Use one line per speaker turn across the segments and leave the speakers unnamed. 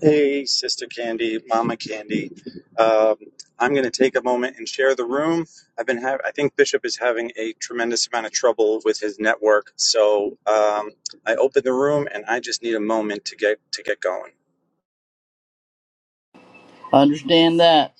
Hey, Sister Candy, Mama Candy. Um, I'm going to take a moment and share the room. I've been ha- I think Bishop is having a tremendous amount of trouble with his network, so um, I opened the room and I just need a moment to get to get going.
Understand that.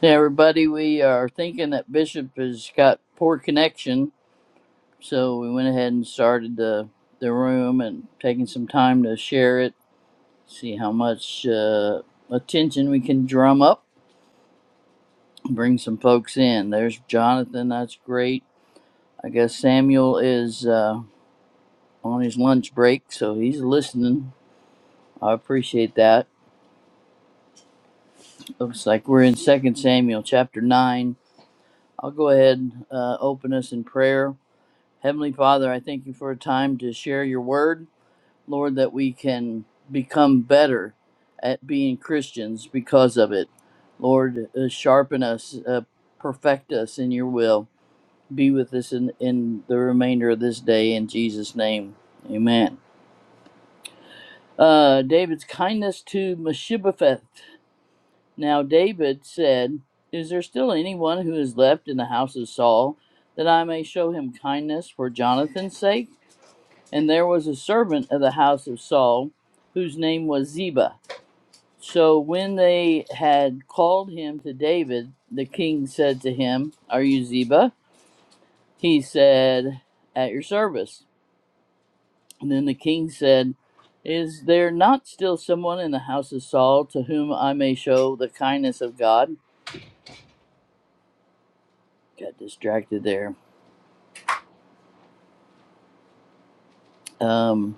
Hey, everybody, we are thinking that Bishop has got poor connection, so we went ahead and started the, the room and taking some time to share it, see how much uh, attention we can drum up, bring some folks in. There's Jonathan, that's great. I guess Samuel is uh, on his lunch break, so he's listening. I appreciate that. Looks like we're in Second Samuel chapter 9. I'll go ahead uh, open us in prayer Heavenly Father, I thank you for a time to share your word, Lord, that we can become better at being Christians because of it. Lord, uh, sharpen us, uh, perfect us in your will. Be with us in, in the remainder of this day in Jesus' name. Amen. Uh, David's kindness to Meshibopheth. Now, David said, Is there still anyone who is left in the house of Saul that I may show him kindness for Jonathan's sake? And there was a servant of the house of Saul, whose name was Ziba. So when they had called him to David, the king said to him, Are you Ziba? He said, At your service. And then the king said, Is there not still someone in the house of Saul to whom I may show the kindness of God? Got distracted there. Um,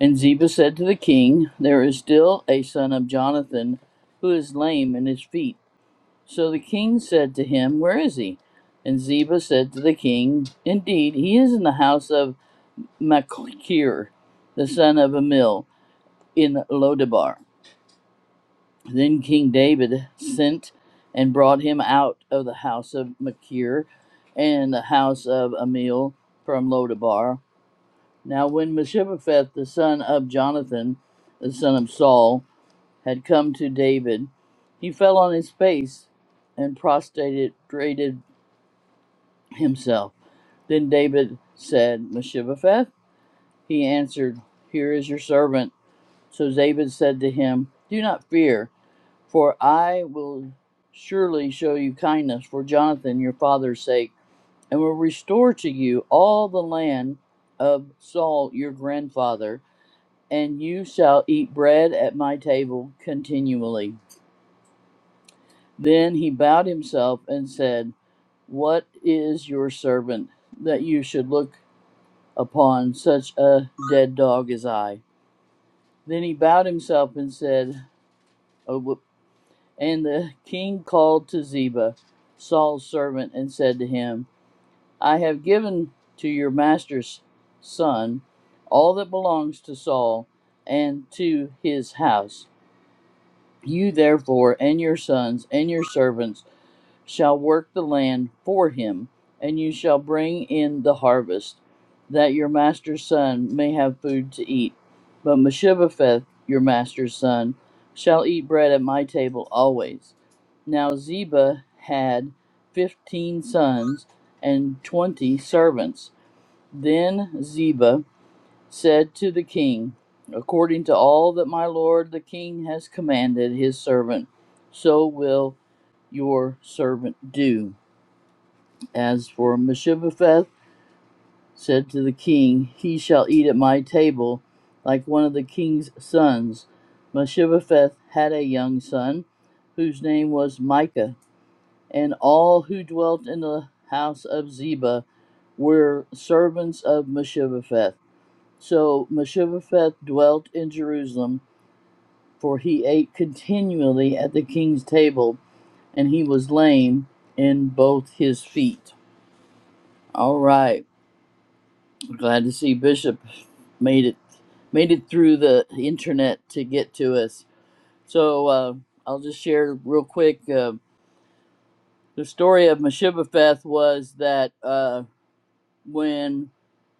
and Ziba said to the king, There is still a son of Jonathan who is lame in his feet. So the king said to him, Where is he? And Ziba said to the king, Indeed, he is in the house of Machir, the son of Amil, in Lodabar. Then King David sent and brought him out of the house of Machir and the house of Amil from Lodabar. Now, when Meshibopheth, the son of Jonathan, the son of Saul, had come to David, he fell on his face and prostrated himself. Then David said, Mephibosheth? He answered, Here is your servant. So David said to him, Do not fear, for I will surely show you kindness for Jonathan your father's sake, and will restore to you all the land of Saul your grandfather, and you shall eat bread at my table continually. Then he bowed himself and said, What is your servant that you should look? upon such a dead dog as I. Then he bowed himself and said, "Oh, And the king called to Ziba, Saul's servant, and said to him, I have given to your master's son all that belongs to Saul and to his house. You therefore and your sons and your servants shall work the land for him, and you shall bring in the harvest, that your master's son may have food to eat. But Meshibbetheth, your master's son, shall eat bread at my table always. Now Ziba had fifteen sons and twenty servants. Then Ziba said to the king, According to all that my lord the king has commanded his servant, so will your servant do. As for Mephibosheth said to the king, He shall eat at my table like one of the king's sons. Mephibosheth had a young son, whose name was Micah, and all who dwelt in the house of Ziba were servants of Mephibosheth. So Mephibosheth dwelt in Jerusalem, for he ate continually at the king's table, and he was lame in both his feet. All right, glad to see Bishop made it made it through the internet to get to us. So uh, I'll just share real quick. Uh, the story of Mephibosheth was that uh, when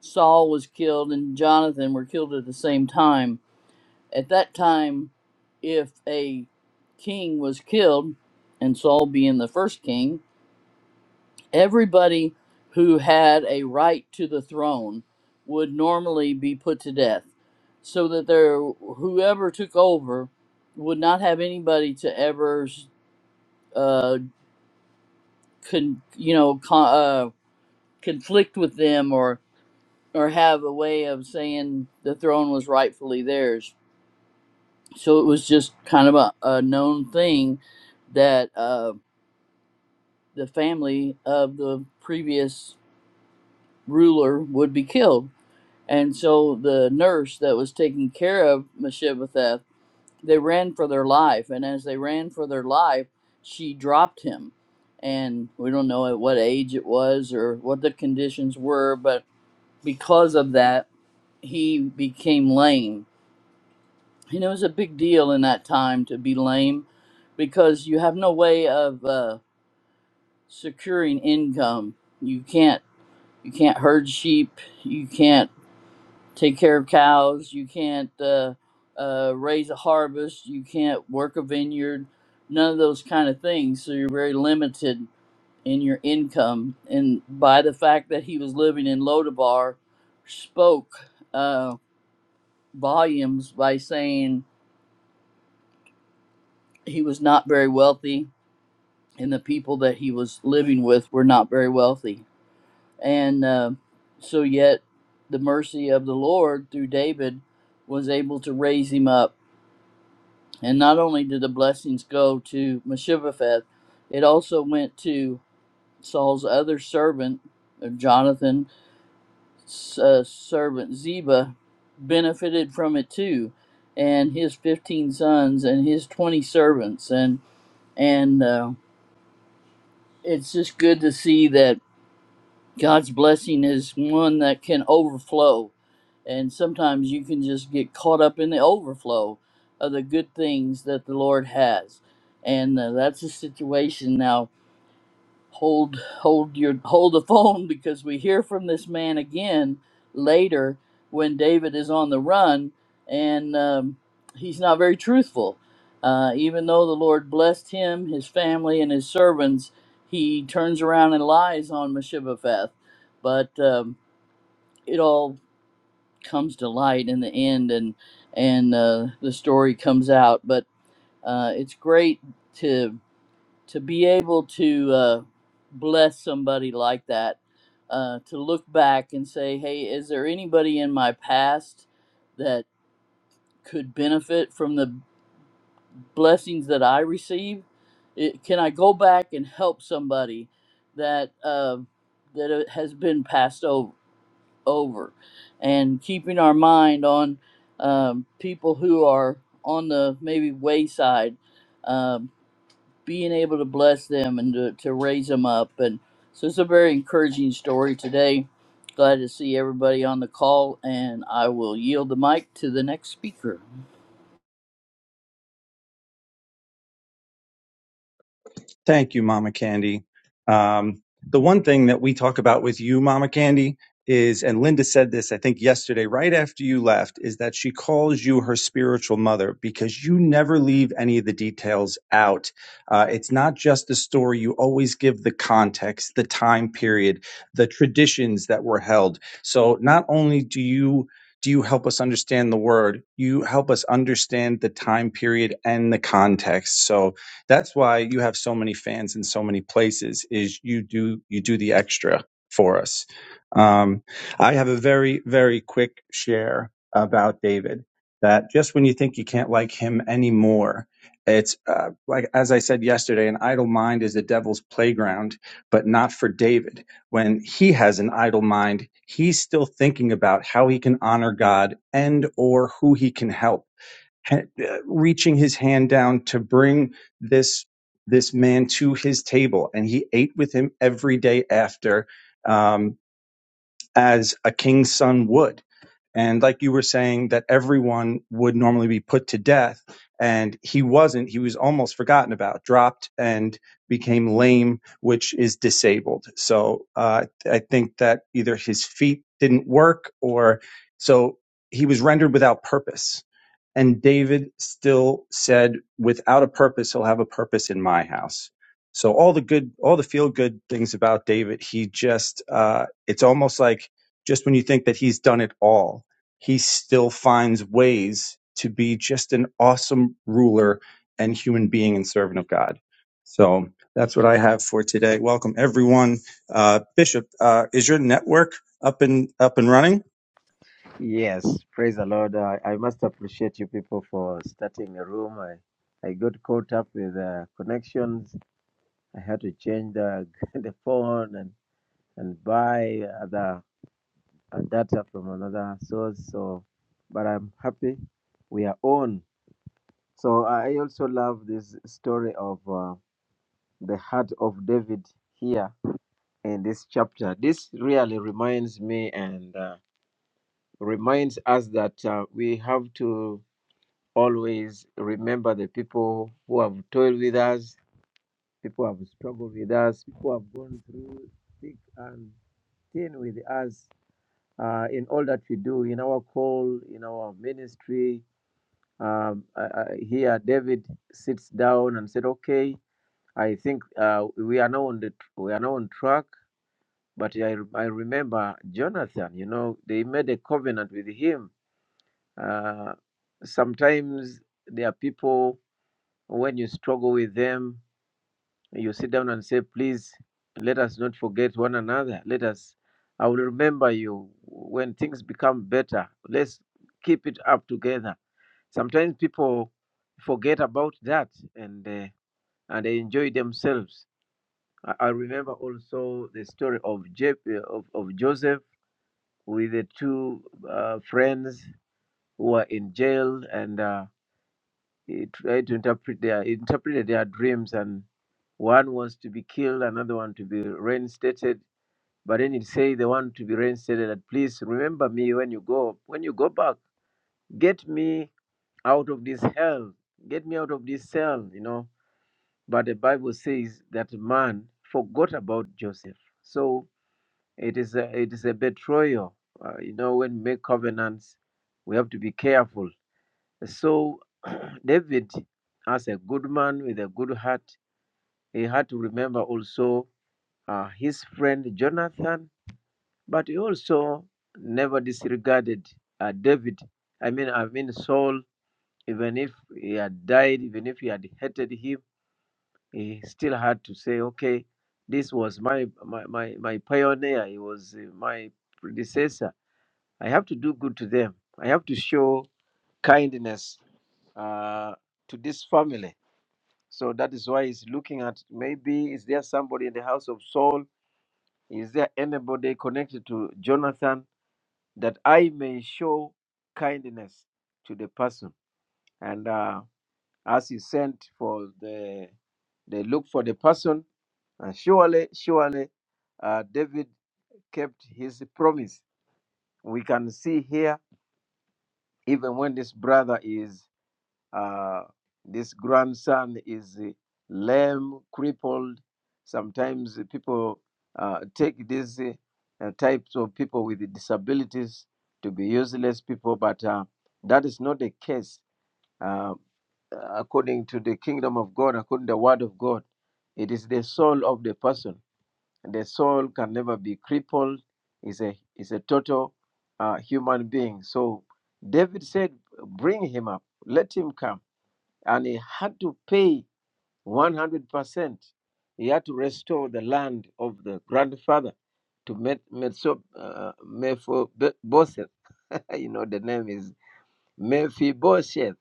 Saul was killed and Jonathan were killed at the same time At that time, if a king was killed, and Saul being the first king, everybody who had a right to the throne would normally be put to death, so that there whoever took over would not have anybody to ever, uh, con, you know, con, uh, conflict with them or or have a way of saying the throne was rightfully theirs so it was just kind of a, a known thing that uh, the family of the previous ruler would be killed. And so the nurse that was taking care of Meshibbetheth, they ran for their life. And as they ran for their life, she dropped him. And we don't know at what age it was or what the conditions were, but because of that, he became lame You know, it was a big deal in that time to be lame because you have no way of uh, securing income. You can't you can't herd sheep. You can't take care of cows. You can't uh, uh, raise a harvest. You can't work a vineyard. None of those kind of things. So you're very limited in your income. And by the fact that he was living in Lodabar, spoke uh, volumes by saying he was not very wealthy and the people that he was living with were not very wealthy. And uh, so, yet, the mercy of the Lord through David was able to raise him up. And not only did the blessings go to Meshivapheth, it also went to Saul's other servant, uh, Jonathan's uh, servant Ziba, benefited from it too, and his 15 sons and his 20 servants. And, and uh, it's just good to see that God's blessing is one that can overflow. And sometimes you can just get caught up in the overflow of the good things that the Lord has. And uh, that's the situation now hold hold your hold the phone because we hear from this man again later when David is on the run and um, he's not very truthful. Uh, even though the Lord blessed him, his family, and his servants, he turns around and lies on Mephibosheth. But um, it all comes to light in the end, and and uh, the story comes out. But uh, it's great to to be able to uh, bless somebody like that, uh, to look back and say, hey, is there anybody in my past that could benefit from the blessings that I receive? It, can I go back and help somebody that uh, that uh, has been passed over, over, and keeping our mind on um, people who are on the maybe wayside? um, being able to bless them and to, to raise them up. And so it's a very encouraging story today. Glad to see everybody on the call, and I will yield the mic to the next speaker.
Thank you, Mama Candy. Um, the one thing that we talk about with you, Mama Candy, is, and Linda said this, I think, yesterday, right after you left, is that she calls you her spiritual mother because you never leave any of the details out. Uh, it's not just the story, you always give the context, the time period, the traditions that were held. So not only do you do you help us understand the word? You help us understand the time period and the context. So, that's why you have so many fans in so many places. Is you do you do the extra for us. Um, I have a very very quick share about David. That just when you think you can't like him anymore, it's uh, like as I said yesterday, an idle mind is the devil's playground, but not for David. When he has an idle mind, he's still thinking about how he can honor God and or who he can help ha- uh, reaching his hand down to bring this this man to his table and he ate with him every day after um, as a king's son would and like you were saying that everyone would normally be put to death and he wasn't he was almost forgotten about dropped and became lame which is disabled so uh, i think that either his feet didn't work or so he was rendered without purpose and David still said, without a purpose, he'll have a purpose in my house. So all the good, all the feel good things about David, he just, uh, it's almost like just when you think that he's done it all, he still finds ways to be just an awesome ruler and human being and servant of God. So that's what I have for today. Welcome everyone. Uh, Bishop, uh, is your network up and up and running?
Yes, praise the Lord. I, I must appreciate you people for starting a room. I, I got caught up with uh, connections. I had to change the, the phone and, and buy other uh, data from another source. So, but I'm happy we are on. So I also love this story of uh, the heart of David here in this chapter. This really reminds me and uh, reminds us that uh, we have to. always remember the people who have toiled with us, people who have struggled with us, people who have gone through thick and thin with us uh, in all that we do, in our call, in our ministry. Um, uh, uh, here, David sits down and said, "Okay, I think uh, we are now on the tr- we are now on track." But I, I remember Jonathan. You know, they made a covenant with him. Uh, sometimes there are people When you struggle with them, you sit down and say, Please let us not forget one another. Let us, I will remember you when things become better. Let's keep it up together. Sometimes people forget about that and, uh, and they enjoy themselves. I, I remember also the story of, Je- of, of Joseph with the two uh, friends who were in jail and. Uh, eh, tried to interpret their interpreted their dreams and one was to be killed another one to be reinstated but then it say the one to be reinstated that please remember me when you go when you go back get me out of this hell get me out of this cell you know but the bible says that man forgot about joseph so it is a it is a betrayal uh, you know when we make covenants we have to be careful so David, as a good man with a good heart, he had to remember also uh, his friend Jonathan, but he also never disregarded uh, David. I mean, I mean Saul. Even if he had died, even if he had hated him, he still had to say, "Okay, this was my my my, my pioneer. He was uh, my predecessor. I have to do good to them. I have to show kindness uh, to this family." So that is why he's looking at maybe is there somebody in the house of Saul? Is there anybody connected to Jonathan that I may show kindness to the person? And uh, as he sent for the, they look for the person, and surely, surely, uh, David kept his promise. We can see here, even when this brother is Uh, this grandson is uh, lame, crippled. Sometimes people uh, take these uh, uh, types of people with disabilities to be useless people, but uh, that is not the case. Uh, according to the kingdom of God, according to the word of God, it is the soul of the person. The soul can never be crippled. Is a is a total uh, human being. So David said, "Bring him up. Let him come." and he had to pay 100%. He had to restore the land of the grandfather to Met, Metso, uh, you know, the name is Mephibosheth.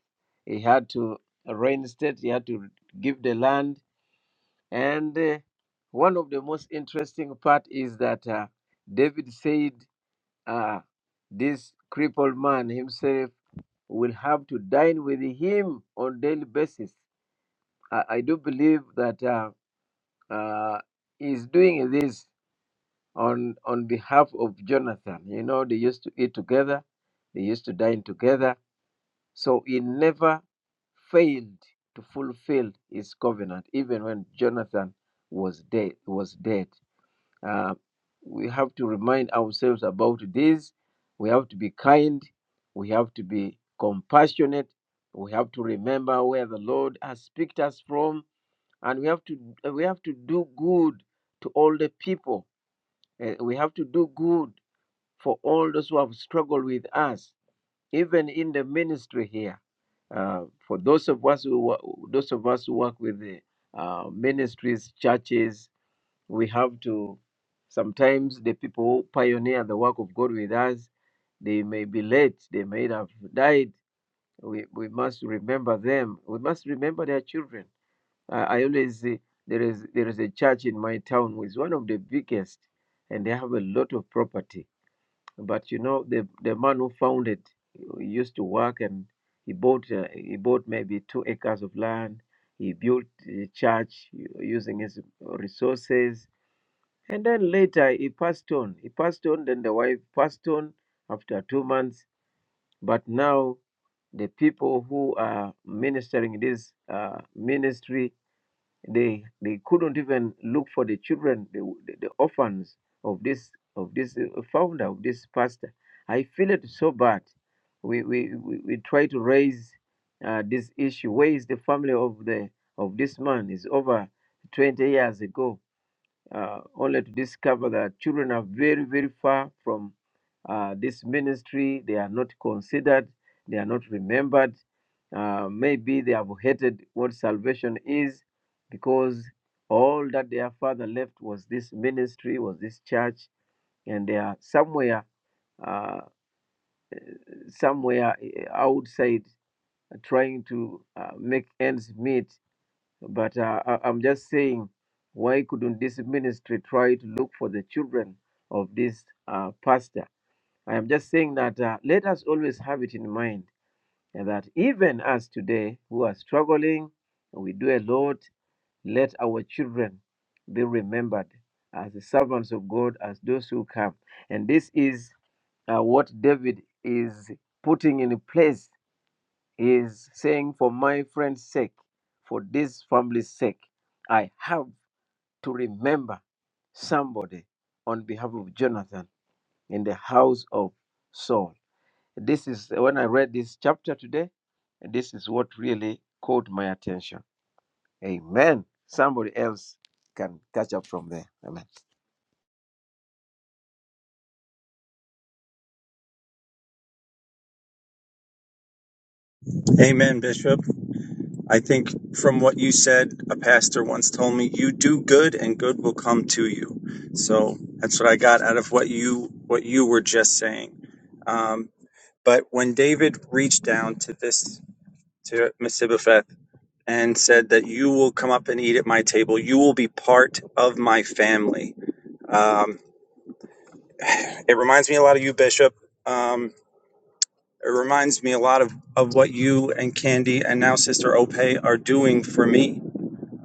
He had to reinstate, he had to give the land. And uh, one of the most interesting part is that uh, David said, uh, this crippled man himself will have to dine with him on daily basis I, I do believe that uh, uh, he's doing this on on behalf of Jonathan. You know, they used to eat together, they used to dine together. So he never failed to fulfill his covenant, even when Jonathan was dead. Was dead. Uh, we have to remind ourselves about this. We have to be kind. We have to be compassionate. We have to remember where the Lord has picked us from and we have to we have to do good to all the people. Eh, We have to do good for all those who have struggled with us, even in the ministry here. Uh, for those of us who wo- those of us who work with the uh, ministries, churches, we have to sometimes the people who pioneer the work of God with us, they may be late, they may have died. We, we must remember them. We must remember their children I, I always say there is there is a church in my town which is one of the biggest, and they have a lot of property. But you know, the the man who founded he used to work, and he bought uh, he bought maybe two acres of land. He built a church using his resources, and then later he passed on. He passed on, then the wife passed on after two months. But now the people who are ministering this uh, ministry they they couldn't even look for the children, the, the, the orphans of this of this uh, founder of this pastor. I feel it so bad. We we we, we try to raise uh, this issue. Where is the family of the of this man? It's over 20 years ago uh, only to discover that children are very, very far from uh, this ministry. They are not considered, they are not remembered. Uh, maybe they have hated what salvation is because all that their father left was this ministry, was this church, and they are somewhere, uh, somewhere eh, outside trying to uh, make ends meet but uh, I, I'm just saying, why couldn't this ministry try to look for the children of this uh, pastor? I am just saying that uh, let us always have it in mind and that even us today who are struggling, we do a lot, let our children be remembered as the servants of God, as those who come. And this is uh, what David is putting in place is saying, For my friend's sake, for this family's sake, I have to remember somebody on behalf of Jonathan in the house of Saul. This is when I read this chapter today, and this is what really caught my attention. Amen. Somebody else can catch up from there. Amen.
Amen, Bishop. I think from what you said, a pastor once told me, you do good and good will come to you. So that's what I got out of what you what you were just saying. Um, but when David reached down to this to Mephibosheth and said that you will come up and eat at my table, you will be part of my family. Um, it reminds me a lot of you, Bishop. Um, it reminds me a lot of, of what you and Candy and now Sister Ope are doing for me.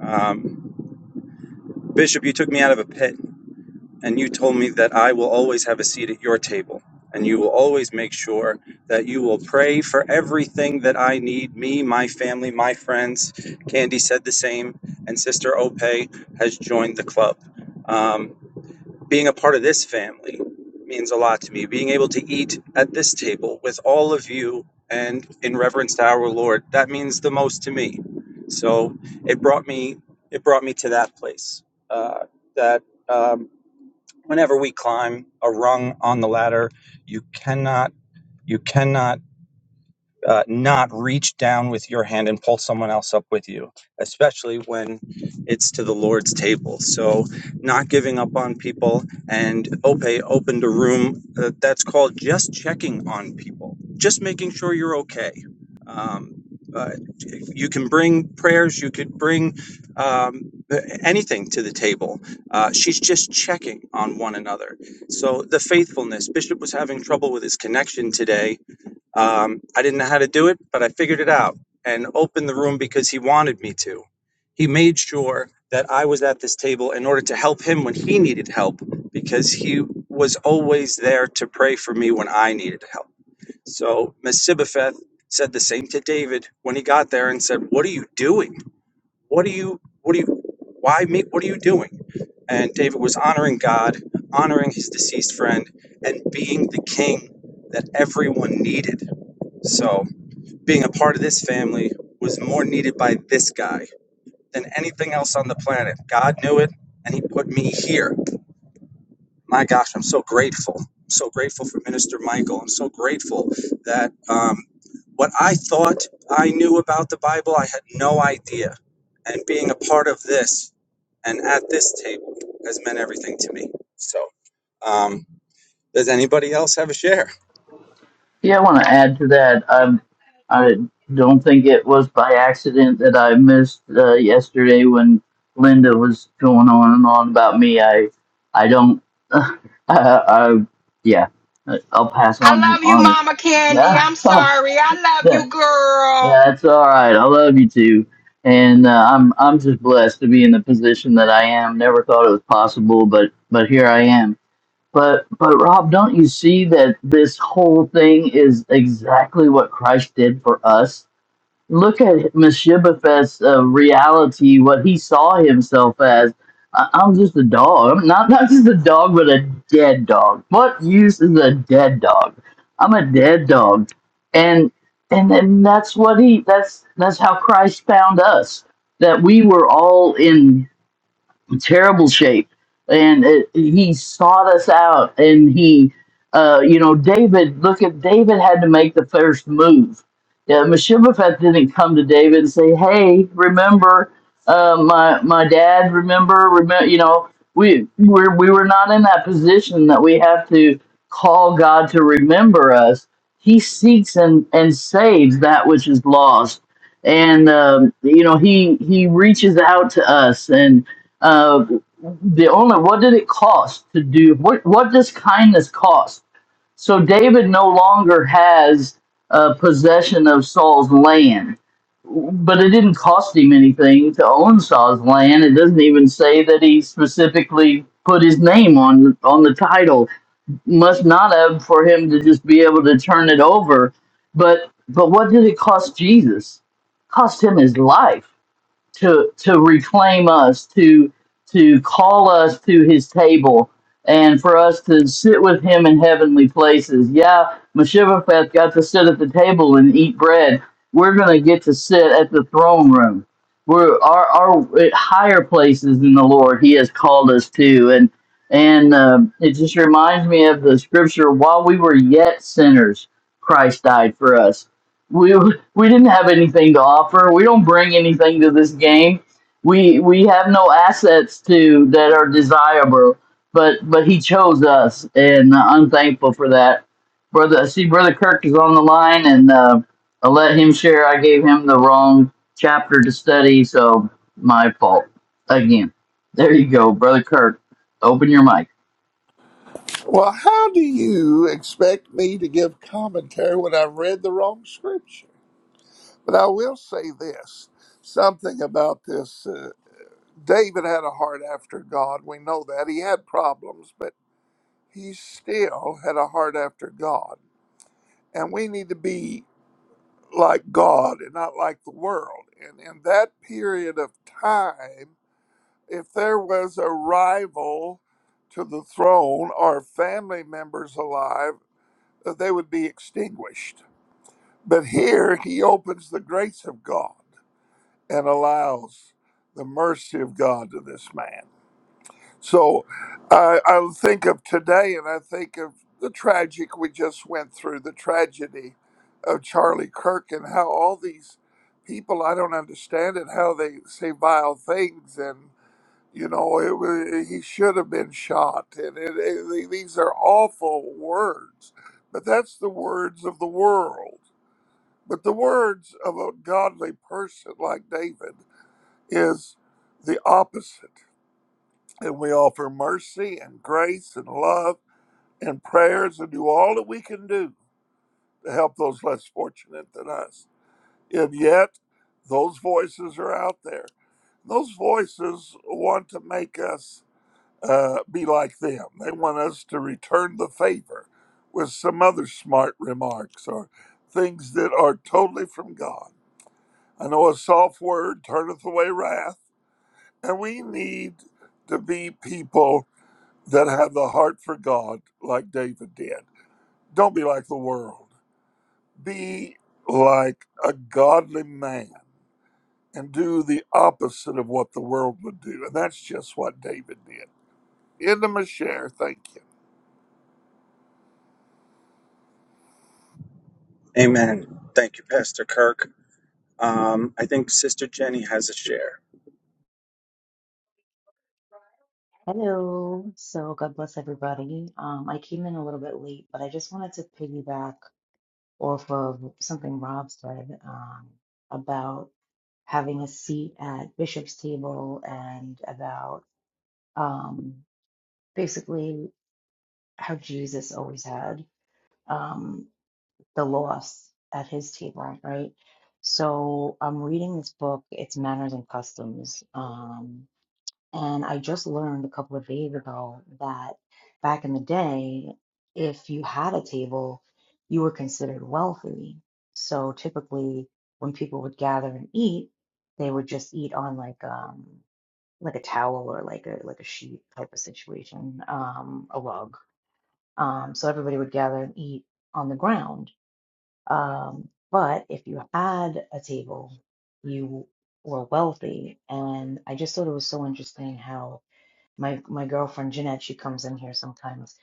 Um, Bishop, you took me out of a pit and you told me that I will always have a seat at your table and you will always make sure that you will pray for everything that I need me, my family, my friends. Candy said the same, and Sister Ope has joined the club. Um, being a part of this family means a lot to me. Being able to eat at this table with all of you and in reverence to our Lord, that means the most to me. So it brought me it brought me to that place. Uh, that um, whenever we climb a rung on the ladder, you cannot you cannot uh, not reach down with your hand and pull someone else up with you, especially when it's to the Lord's table. So, not giving up on people. And Ope opened a room uh, that's called just checking on people, just making sure you're okay. Um, uh, you can bring prayers, you could bring um, anything to the table. Uh, she's just checking on one another. So, the faithfulness, Bishop was having trouble with his connection today um, I didn't know how to do it, but I figured it out and opened the room because he wanted me to. He made sure that I was at this table in order to help him when he needed help because he was always there to pray for me when I needed help. So Mesibopheth said the same to David when he got there and said, What are you doing? What are you, what are you, why me? What are you doing? And David was honoring God, honoring his deceased friend, and being the king that everyone needed so being a part of this family was more needed by this guy than anything else on the planet. God knew it, and He put me here. My gosh, I'm so grateful. I'm so grateful for Minister Michael. I'm so grateful that um, what I thought I knew about the Bible, I had no idea. And being a part of this and at this table has meant everything to me. So, um, does anybody else have a share?
Yeah, I want to add to that. Um, I don't think it was by accident that I missed uh, yesterday when Linda was going on and on about me. I, I don't. I, I yeah, I- I'll pass
I
on
love you,
on.
Mama Candy. I'm sorry. I love
Yeah.
you, girl.
Yeah, it's all right. I love you too, and uh, I'm I'm just blessed to be in the position that I am. Never thought it was possible, but but here I am. But but Rob, don't you see that this whole thing is exactly what Christ did for us? look at Mephibosheth's uh, reality, what he saw himself as. I- I'm just a dog. I'm not not just a dog, but a dead dog. What use is a dead dog? I'm a dead dog, and and and that's what he. That's that's how Christ found us. That we were all in terrible shape. And it, he sought us out, and he, uh, you know, David. Look at David had to make the first move. Yeah, Meshibafet didn't come to David and say, "Hey, remember uh, my my dad? Remember, remember? You know, we we we were not in that position that we have to call God to remember us. He seeks and and saves that which is lost, and um, you know, he he reaches out to us and uh, the only what did it cost to do what? What does kindness cost? So David no longer has uh, possession of Saul's land, but it didn't cost him anything to own Saul's land. It doesn't even say that he specifically put his name on on the title. Must not have for him to just be able to turn it over. But but what did it cost Jesus? cost him his life to to reclaim us, to to call us to his table, and for us to sit with him in heavenly places. Yeah, Meshivapheth got to sit at the table and eat bread. We're gonna get to sit at the throne room. We're our our at higher places in the Lord. He has called us to, and and um, it just reminds me of the scripture: while we were yet sinners, Christ died for us we we didn't have anything to offer. We don't bring anything to this game. We we have no assets to that are desirable. But but he chose us, and uh, I'm thankful for that. Brother, I see brother Kirk is on the line, and uh, I let him share. I gave him the wrong chapter to study, so my fault again. There you go, brother Kirk. Open your mic.
Well, how do you expect me to give commentary when I've read the wrong scripture? But I will say this something about this. Uh, David had a heart after God. We know that. He had problems, but he still had a heart after God. And we need to be like God and not like the world. And in that period of time, if there was a rival to the throne or family members alive, they would be extinguished. But here he opens the grace of God and allows the mercy of God to this man. So I, I think of today and I think of the tragic we just went through, the tragedy of Charlie Kirk and how all these people, I don't understand it, how they say vile things and. You know, it was, he should have been shot. And it, it, these are awful words, but that's the words of the world. But the words of a godly person like David is the opposite. And we offer mercy and grace and love and prayers and do all that we can do to help those less fortunate than us. And yet, those voices are out there. Those voices want to make us uh, be like them. They want us to return the favor with some other smart remarks or things that are totally from God. I know a soft word turneth away wrath, and we need to be people that have the heart for God like David did. Don't be like the world. Be like a godly man and do the opposite of what the world would do. And that's just what David did. End of my share. Thank you.
Amen. Thank you, Pastor Kirk. Um, I think Sister Jenny has a share.
Hello. So God bless everybody. Um, I came in a little bit late, but I just wanted to piggyback off of something Rob said um, about having a seat at Bishop's table and about um, basically how Jesus always had um, the lost at his table, right? So I'm reading this book. It's Manners and Customs. Um, And I just learned a couple of days ago that back in the day, if you had a table, you were considered wealthy. So typically, when people would gather and eat, they would just eat on like um like a towel or like a like a sheet type of situation, um, a rug. Um, so everybody would gather and eat on the ground. Um, but if you had a table, you were wealthy. And I just thought it was so interesting how my my girlfriend Jeanette, she comes in here sometimes.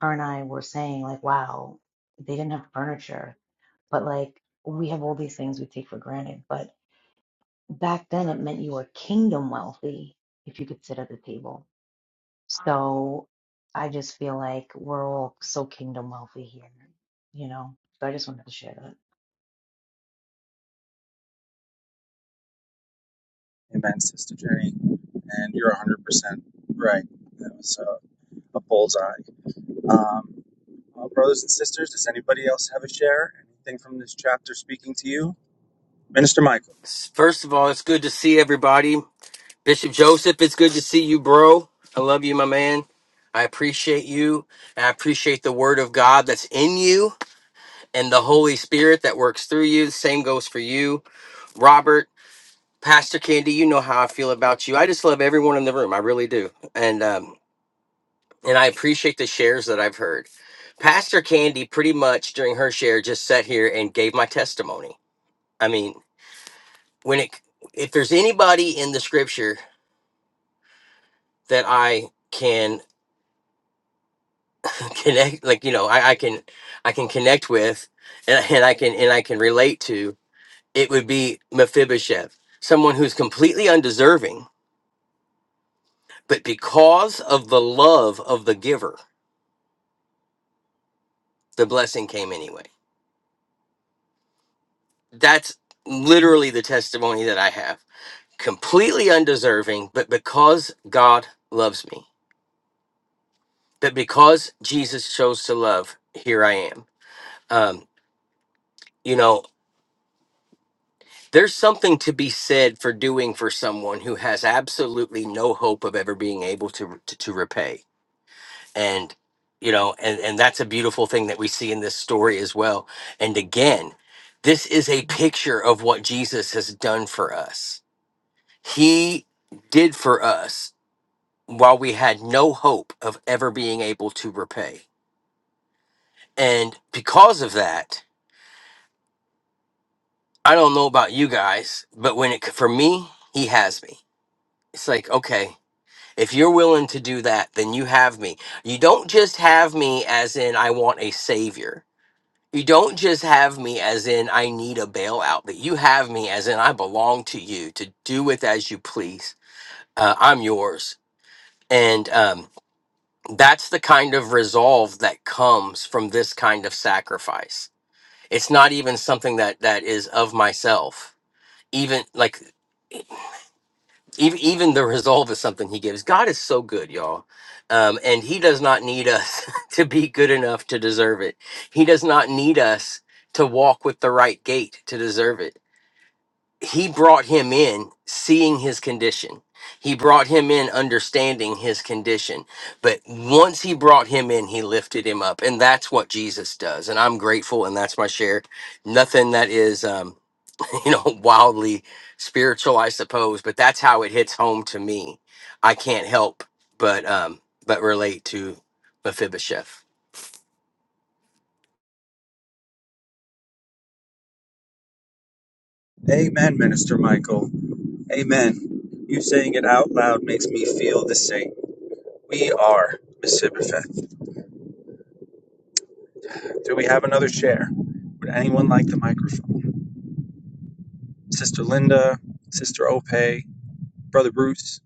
Her and I were saying like, wow, they didn't have furniture, but like we have all these things we take for granted. But back then, it meant you were kingdom wealthy if you could sit at the table. So I just feel like we're all so kingdom wealthy here, you know. So I just wanted to share that.
Amen, Sister Jenny. And you're 100% right. That was a, a bullseye. Um, well, brothers and sisters, does anybody else have a share? Anything from this chapter speaking to you? Minister Michael.
First of all, it's good to see everybody. Bishop Joseph, it's good to see you, bro. I love you, my man. I appreciate you. And I appreciate the word of God that's in you and the Holy Spirit that works through you. The same goes for you, Robert, Pastor Candy. You know how I feel about you. I just love everyone in the room. I really do. And um, and I appreciate the shares that I've heard. Pastor Candy pretty much during her share just sat here and gave my testimony. I mean, when it if there's anybody in the scripture that I can connect, like you know, I, I can I can connect with, and, and I can and I can relate to. It would be Mephibosheth, someone who's completely undeserving, but because of the love of the giver, the blessing came anyway. That's literally the testimony that I have. Completely undeserving, but because God loves me, but because Jesus chose to love, here I am. Um, you know, there's something to be said for doing for someone who has absolutely no hope of ever being able to to, to repay and you know and and that's a beautiful thing that we see in this story as well and again this is a picture of what Jesus has done for us he did for us while we had no hope of ever being able to repay and because of that i don't know about you guys but when it for me he has me it's like okay If you're willing to do that, then you have me. You don't just have me as in I want a savior. You don't just have me as in I need a bailout, but you have me as in I belong to you to do with as you please. Uh, I'm yours. And um, that's the kind of resolve that comes from this kind of sacrifice. It's not even something that that is of myself. Even like even even the resolve is something he gives god is so good y'all um, and he does not need us to be good enough to deserve it he does not need us to walk with the right gait to deserve it he brought him in seeing his condition he brought him in understanding his condition but once he brought him in he lifted him up and that's what jesus does and i'm grateful and that's my share nothing that is um, you know, wildly spiritual, I suppose, but that's how it hits home to me. I can't help but um but relate to Mephibosheth.
Amen, Minister Michael. Amen. You saying it out loud makes me feel the same. We are Miss Sibberfeth. Do we have another share? Would anyone like the microphone? Sister Linda, Sister Ope, Brother Bruce,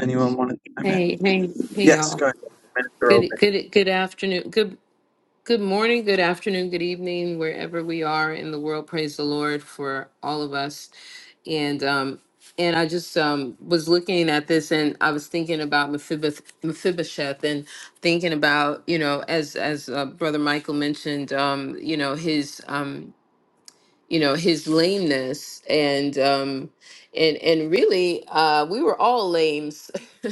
anyone want to chime in?
Hey, hey, hey,
Yes,
y'all.
go ahead. Minister Ope.
Good, good, good afternoon. Good, good morning. Good afternoon. Good evening, wherever we are in the world. Praise the Lord for all of us. And um, and I just um was looking at this, and I was thinking about Mephibosheth, Mephibosheth, and thinking about you know, as as uh, Brother Michael mentioned, um, you know, his um you know his lameness and um and and really uh we were all lames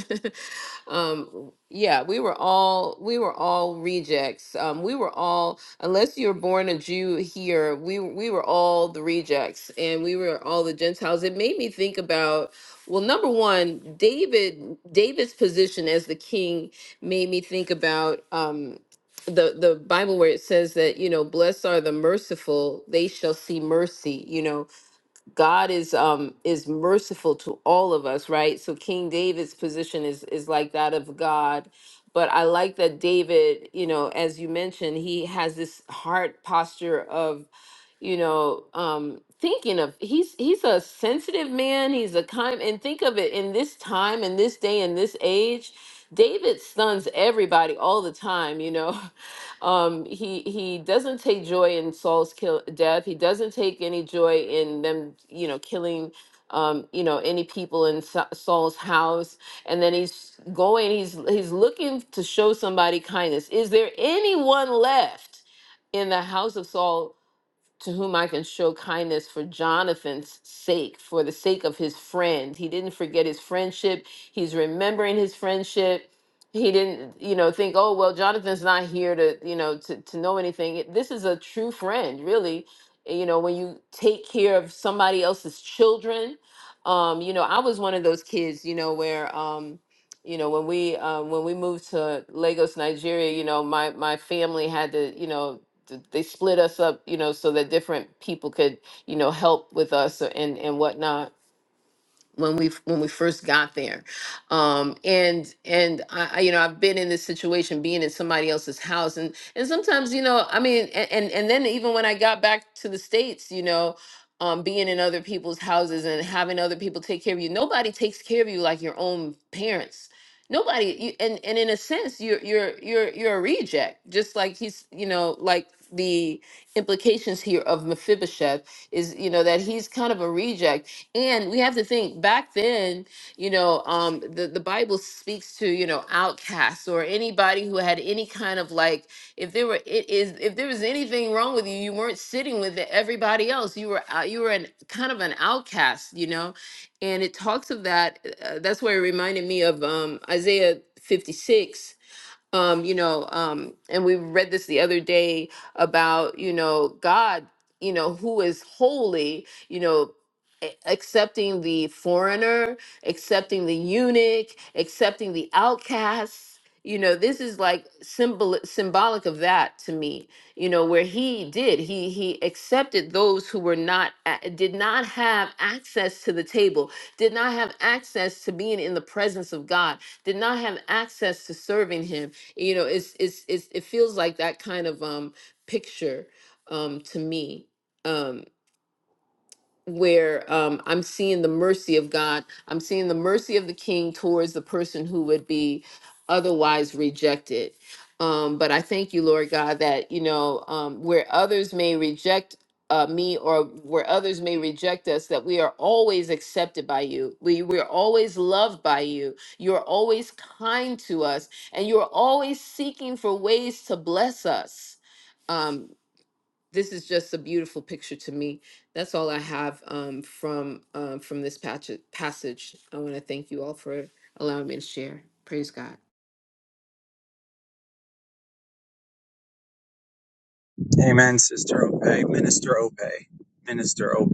um yeah we were all we were all rejects um we were all unless you're born a jew here we we were all the rejects and we were all the gentiles it made me think about well number one david david's position as the king made me think about um, the the bible where it says that you know blessed are the merciful they shall see mercy you know god is um is merciful to all of us right so king david's position is is like that of god but i like that david you know as you mentioned he has this heart posture of you know um thinking of he's he's a sensitive man he's a kind and think of it in this time in this day in this age david stuns everybody all the time you know um he he doesn't take joy in saul's kill death he doesn't take any joy in them you know killing um you know any people in Sa- saul's house and then he's going he's he's looking to show somebody kindness is there anyone left in the house of Saul to whom I can show kindness for Jonathan's sake, for the sake of his friend. He didn't forget his friendship. He's remembering his friendship. He didn't, you know, think, oh, well, Jonathan's not here to, you know, to, to know anything. It- This is a true friend, really. You know, when you take care of somebody else's children, um, you know, I was one of those kids, you know, where, um, you know, when we uh, when we moved to Lagos, Nigeria, you know, my my family had to, you know, th- they split us up, you know, so that different people could, you know, help with us and and whatnot when we when we first got there um and and I, I you know i've been in this situation being in somebody else's house and and sometimes you know i mean a- and and then even when i got back to the states you know um being in other people's houses and having other people take care of you nobody takes care of you like your own parents nobody you, and and in a sense you're you're you're you're a reject just like he's you know like the implications here of mephibosheth is you know that he's kind of a reject and we have to think back then, you know, um, the, the Bible speaks to, you know, outcasts or anybody who had any kind of like, if there were, it is, if there was anything wrong with you, you weren't sitting with everybody else. You were, out, you were an, kind of an outcast, you know? And it talks of that. Uh, that's where it reminded me of um, Isaiah 56 um you know um and we read this the other day about you know god you know who is holy you know a- accepting the foreigner accepting the eunuch accepting the outcast you know this is like symbol symbolic of that to me you know where he did he he accepted those who were not a- did not have access to the table did not have access to being in the presence of god did not have access to serving him you know it's it's, it's it feels like that kind of um picture um to me Um where um, I'm seeing the mercy of God. I'm seeing the mercy of the King towards the person who would be otherwise rejected. Um, but I thank you, Lord God, that you know um, where others may reject uh, me or where others may reject us, that we are always accepted by you. We we're always loved by you. You're always kind to us, and you're always seeking for ways to bless us. Um, this is just a beautiful picture to me. That's all I have um, from um, from this patch- passage. I want to thank you all for allowing me to share. Praise God.
Amen, Sister Ope. Minister Ope. Minister Ope.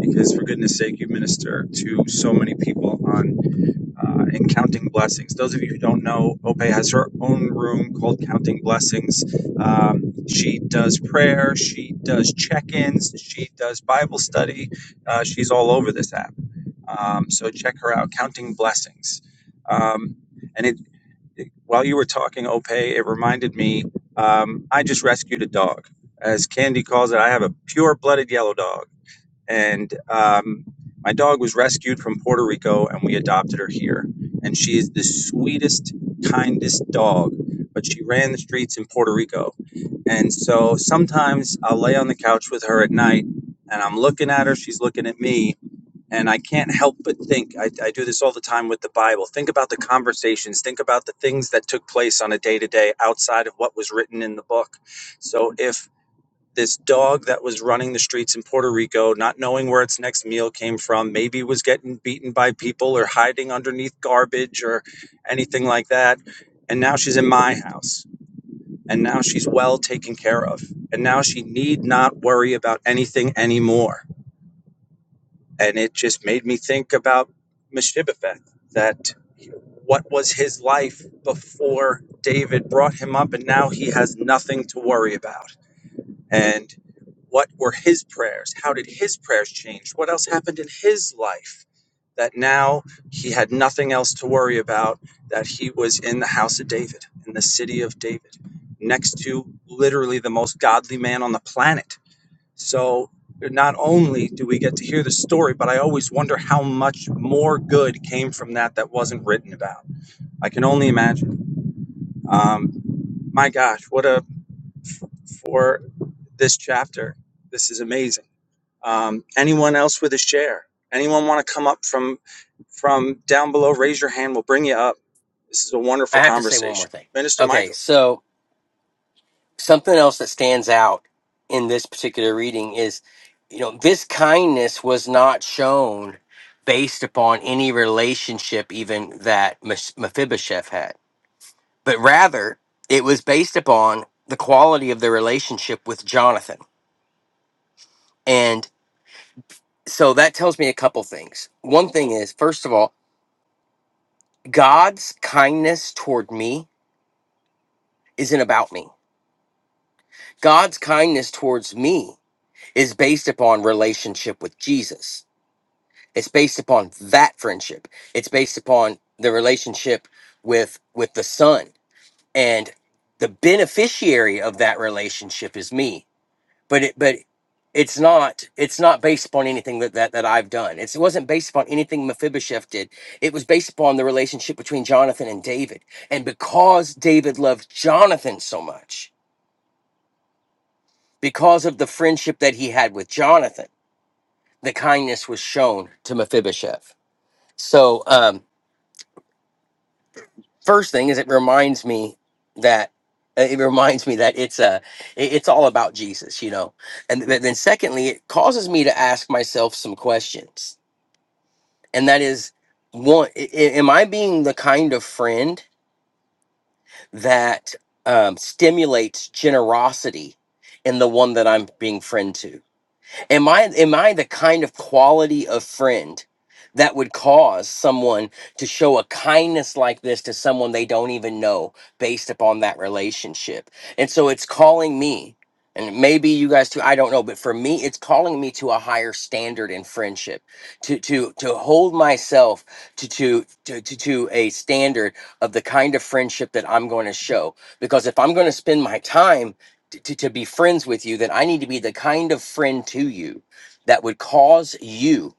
Because for goodness sake, you minister to so many people on. uh, in Counting Blessings. Those of you who don't know, Ope has her own room called Counting Blessings. Um, she does prayer, she does check ins, she does Bible study. Uh, she's all over this app. Um, so check her out, Counting Blessings. Um, and it, it- while you were talking, Ope, it reminded me um, I just rescued a dog. As Candy calls it, I have a pure blooded yellow dog and um, my dog was rescued from Puerto Rico, and we adopted her here. And she is the sweetest, kindest dog. But she ran the streets in Puerto Rico, and so sometimes I'll lay on the couch with her at night, and I'm looking at her, she's looking at me, and I can't help but think. I, I do this all the time with the Bible. Think about the conversations. Think about the things that took place on a day to day outside of what was written in the book. So if this dog that was running the streets in Puerto Rico, not knowing where its next meal came from, maybe was getting beaten by people or hiding underneath garbage or anything like that. And now she's in my house. And now she's well taken care of. And now she need not worry about anything anymore. And it just made me think about Meshibafeth, that what was his life before David brought him up, and now he has nothing to worry about and what were his prayers? How did his prayers change? What else happened in his life that now he had nothing else to worry about? That he was in the house of David, in the city of David, next to literally the most godly man on the planet. So not only do we get to hear the story, but I always wonder how much more good came from that that wasn't written about. I can only imagine. Um, my gosh, what a for this chapter. This is amazing um, anyone else with a share? Anyone want to come up from from down below? Raise your hand. We'll bring you up. This is a
I
wonderful
have to say one more
conversation,
thing.
Minister
Okay,
Michael.
so something else that stands out in this particular reading is, you know, this kindness was not shown based upon any relationship even that Mes- Mephibosheth had, but rather it was based upon the quality of the relationship with Jonathan. so that tells me a couple things. One thing is, first of all, God's kindness toward me isn't about me. God's kindness towards me is based upon relationship with Jesus. It's based upon that friendship. It's based upon the relationship with with the Son. And the beneficiary of that relationship is me. but it but it's not it's not based upon anything that that, that i've done it's, it wasn't based upon anything mephibosheth did it was based upon the relationship between jonathan and david and because david loved jonathan so much because of the friendship that he had with jonathan the kindness was shown to mephibosheth so um first thing is it reminds me that uh, it reminds me that it's a it's all about jesus you know and th- then secondly it causes me to ask myself some questions and that is one i- i- am i being the kind of friend that um, stimulates generosity in the one that i'm being friend to Am I am I the kind of quality of friend that would cause someone to show a kindness like this to someone they don't even know based upon that relationship? And so it's calling me and maybe you guys too i don't know but for me it's calling me to a higher standard in friendship to to to hold myself to to to to, to a standard of the kind of friendship that i'm going to show because if i'm going to spend my time to, to be friends with you, then I need to be the kind of friend to you that would cause you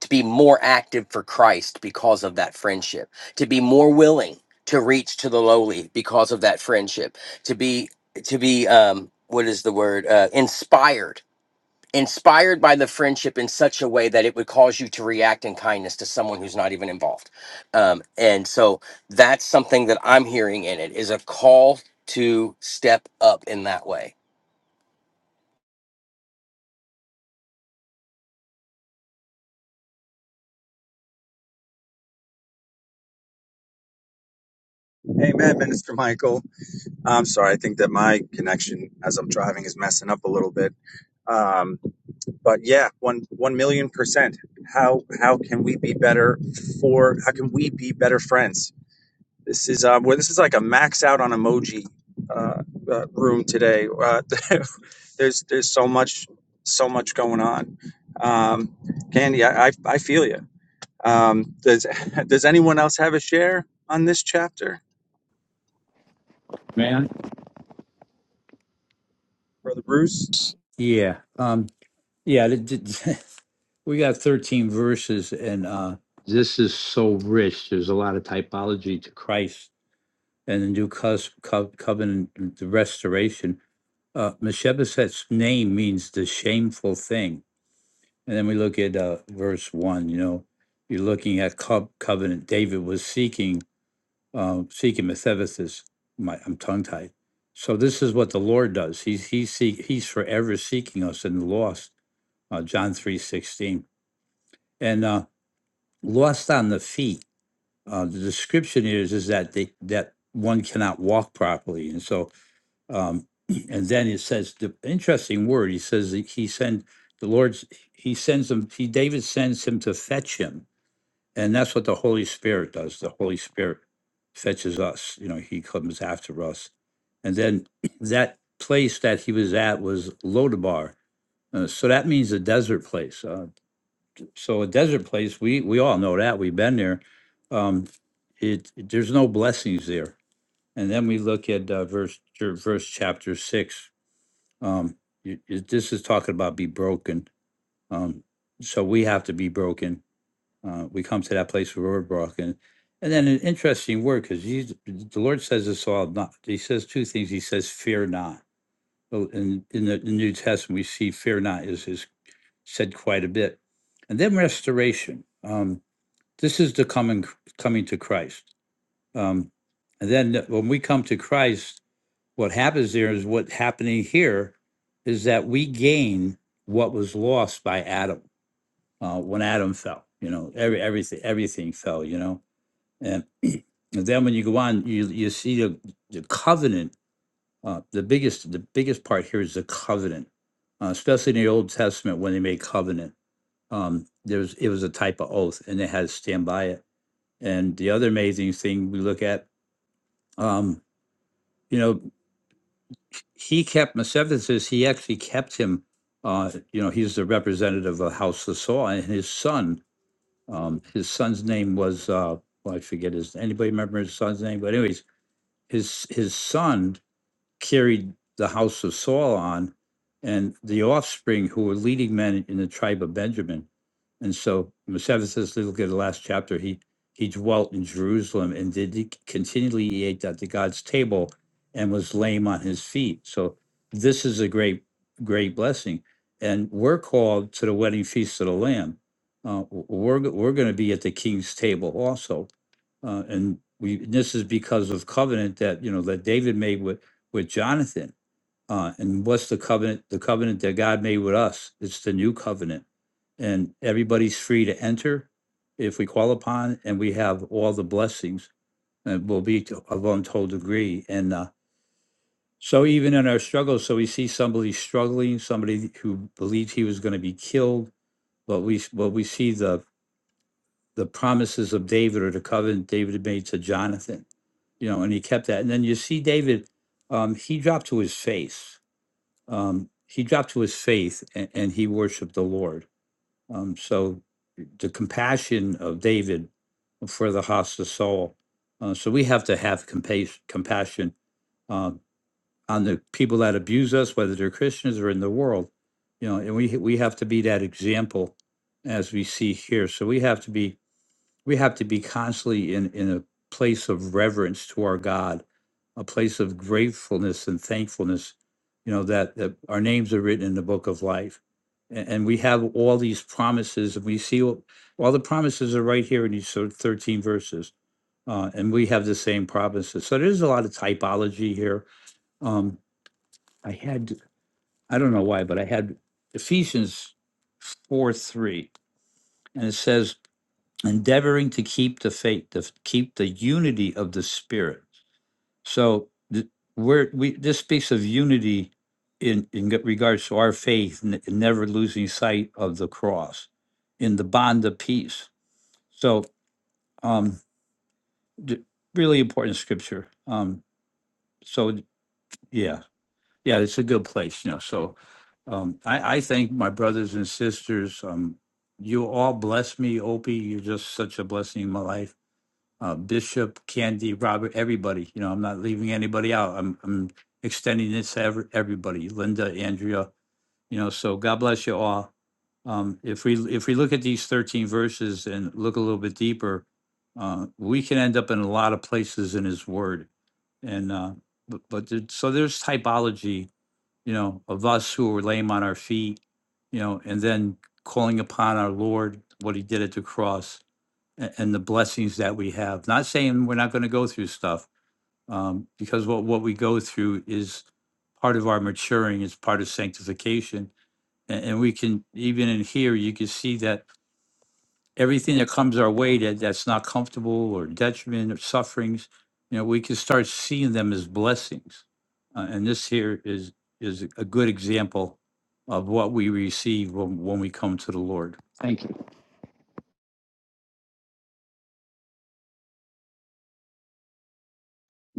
to be more active for Christ because of that friendship, to be more willing to reach to the lowly because of that friendship, to be to be um what is the word uh, inspired inspired by the friendship in such a way that it would cause you to react in kindness to someone who's not even involved um, and so that's something that i'm hearing in it is a call to step up in that way
Amen, Minister Michael. I'm sorry. I think that my connection as I'm driving is messing up a little bit. Um, but yeah, one one million percent. How how can we be better for? How can we be better friends? This is uh, well, this is like a max out on emoji uh, uh, room today. Uh, there's there's so much so much going on. Um, Candy, I, I, I feel you. Um, does does anyone else have a share on this chapter,
man.
Brother Bruce?
Yeah. Um, yeah. th- th- We got 13 verses, and uh, this is so rich. There's a lot of typology to Christ and the new cos- co- covenant, the restoration. Uh, Mephibosheth's name means the shameful thing. And then we look at uh, verse one, you know, you're looking at co- covenant. David was seeking uh, seeking the My, I'm tongue tied. So this is what the Lord does. He's he's seek, he's forever seeking us and the lost. Uh, John three sixteen and uh, lost on the feet. Uh, the description is is that they that one cannot walk properly, and so um, and then it says the interesting word. He says that he sent the Lord's. He sends him. He David sends him to fetch him and that's what the Holy Spirit does. The Holy Spirit fetches us, you know, he comes after us. And then that place that he was at was Lodabar. Uh, so that means a desert place. Uh, so a desert place, we we all know that. We've been there. Um, it there's no blessings there. And then we look at uh, verse er, verse chapter six. Um, you- you- this is talking about be broken. Um, so we have to be broken uh, we come to that place where we're broken. And then an interesting word, because the Lord says this all not. He says two things. He says, fear not. So in, in the New Testament, we see fear not is, is said quite a bit. And then restoration. Um, this is the coming coming to Christ. Um, and then when we come to Christ, what happens there is what's happening here is that we gain what was lost by Adam uh, when Adam fell. You know, every everything everything fell. You know, and, and then when you go on, you you see the the covenant. Uh, the biggest the biggest part here is the covenant, uh, especially in the Old Testament when they made covenant. Um, there was it was a type of oath, and they had to stand by it. And the other amazing thing we look at, um, you know, he kept Mephibosheth. says He actually kept him. Uh, you know, he's the representative of House of Saul, and his son. Um, his son's name was uh, well, I forget his. Anybody remember his son's name? But anyways, his his son carried the house of Saul on, and the offspring who were leading men in the tribe of Benjamin. And so, when says, look at the last chapter. He he dwelt in Jerusalem and did he continually he ate at the God's table, and was lame on his feet. So this is a great great blessing, and we're called to the wedding feast of the Lamb. Uh, we're we're going to be at the King's table also uh, and we and this is because of covenant that you know that David made with with Jonathan. Uh, and what's the covenant? The covenant that God made with us. It's the new covenant, and everybody's free to enter if we call upon, and we have all the blessings and will be to, of untold degree. And uh, so, even in our struggles, so we see somebody struggling, somebody who believed he was going to be killed, but we but we see the the promises of David or the covenant David made to Jonathan you know, and he kept that. And then you see David, um, he dropped to his face. Um, he dropped to his faith and, and he worshiped the Lord. Um, so the compassion of David for the hostile soul. Uh, so we have to have compas- compassion um, on the people that abuse us, whether they're Christians or in the world. You know, and we we have to be that example as we see here. So we have to be we have to be constantly in, in a place of reverence to our God, a place of gratefulness and thankfulness, you know, that, that our names are written in the book of life. And, and we have all these promises, and we see all, all the promises are right here in these sort of 13 verses. Uh, and we have the same promises. So there's a lot of typology here. Um, I had, I don't know why, but I had Ephesians 4 3, and it says, endeavoring to keep the faith, to keep the unity of the spirit. So th- we're, we this speaks of unity in in regards to our faith, and never losing sight of the cross, in the bond of peace. So um, d- really important scripture. Um, so yeah, yeah, it's a good place. You know, so um, I, I thank my brothers and sisters. Um, you all bless me, Opie. You're just such a blessing in my life uh, Bishop, Candy, Robert, everybody. You know, I'm not leaving anybody out. I'm I'm extending this to every, everybody. Linda, Andrea. You know, so God bless you all. Um, if we if we look at these 13 verses and look a little bit deeper, uh, we can end up in a lot of places in His Word. And uh, but, but there, so there's typology. You know, of us who are lame on our feet. You know, and then calling upon our Lord, what He did at the cross a- and the blessings that we have. Not saying we're not going to go through stuff, um, because what, what we go through is part of our maturing, is part of sanctification. And, and we can, even in here, you can see that everything that comes our way that, that's not comfortable or detriment or sufferings, you know, we can start seeing them as blessings. Uh, and this here is is a good example of what we receive when, when we come to the Lord.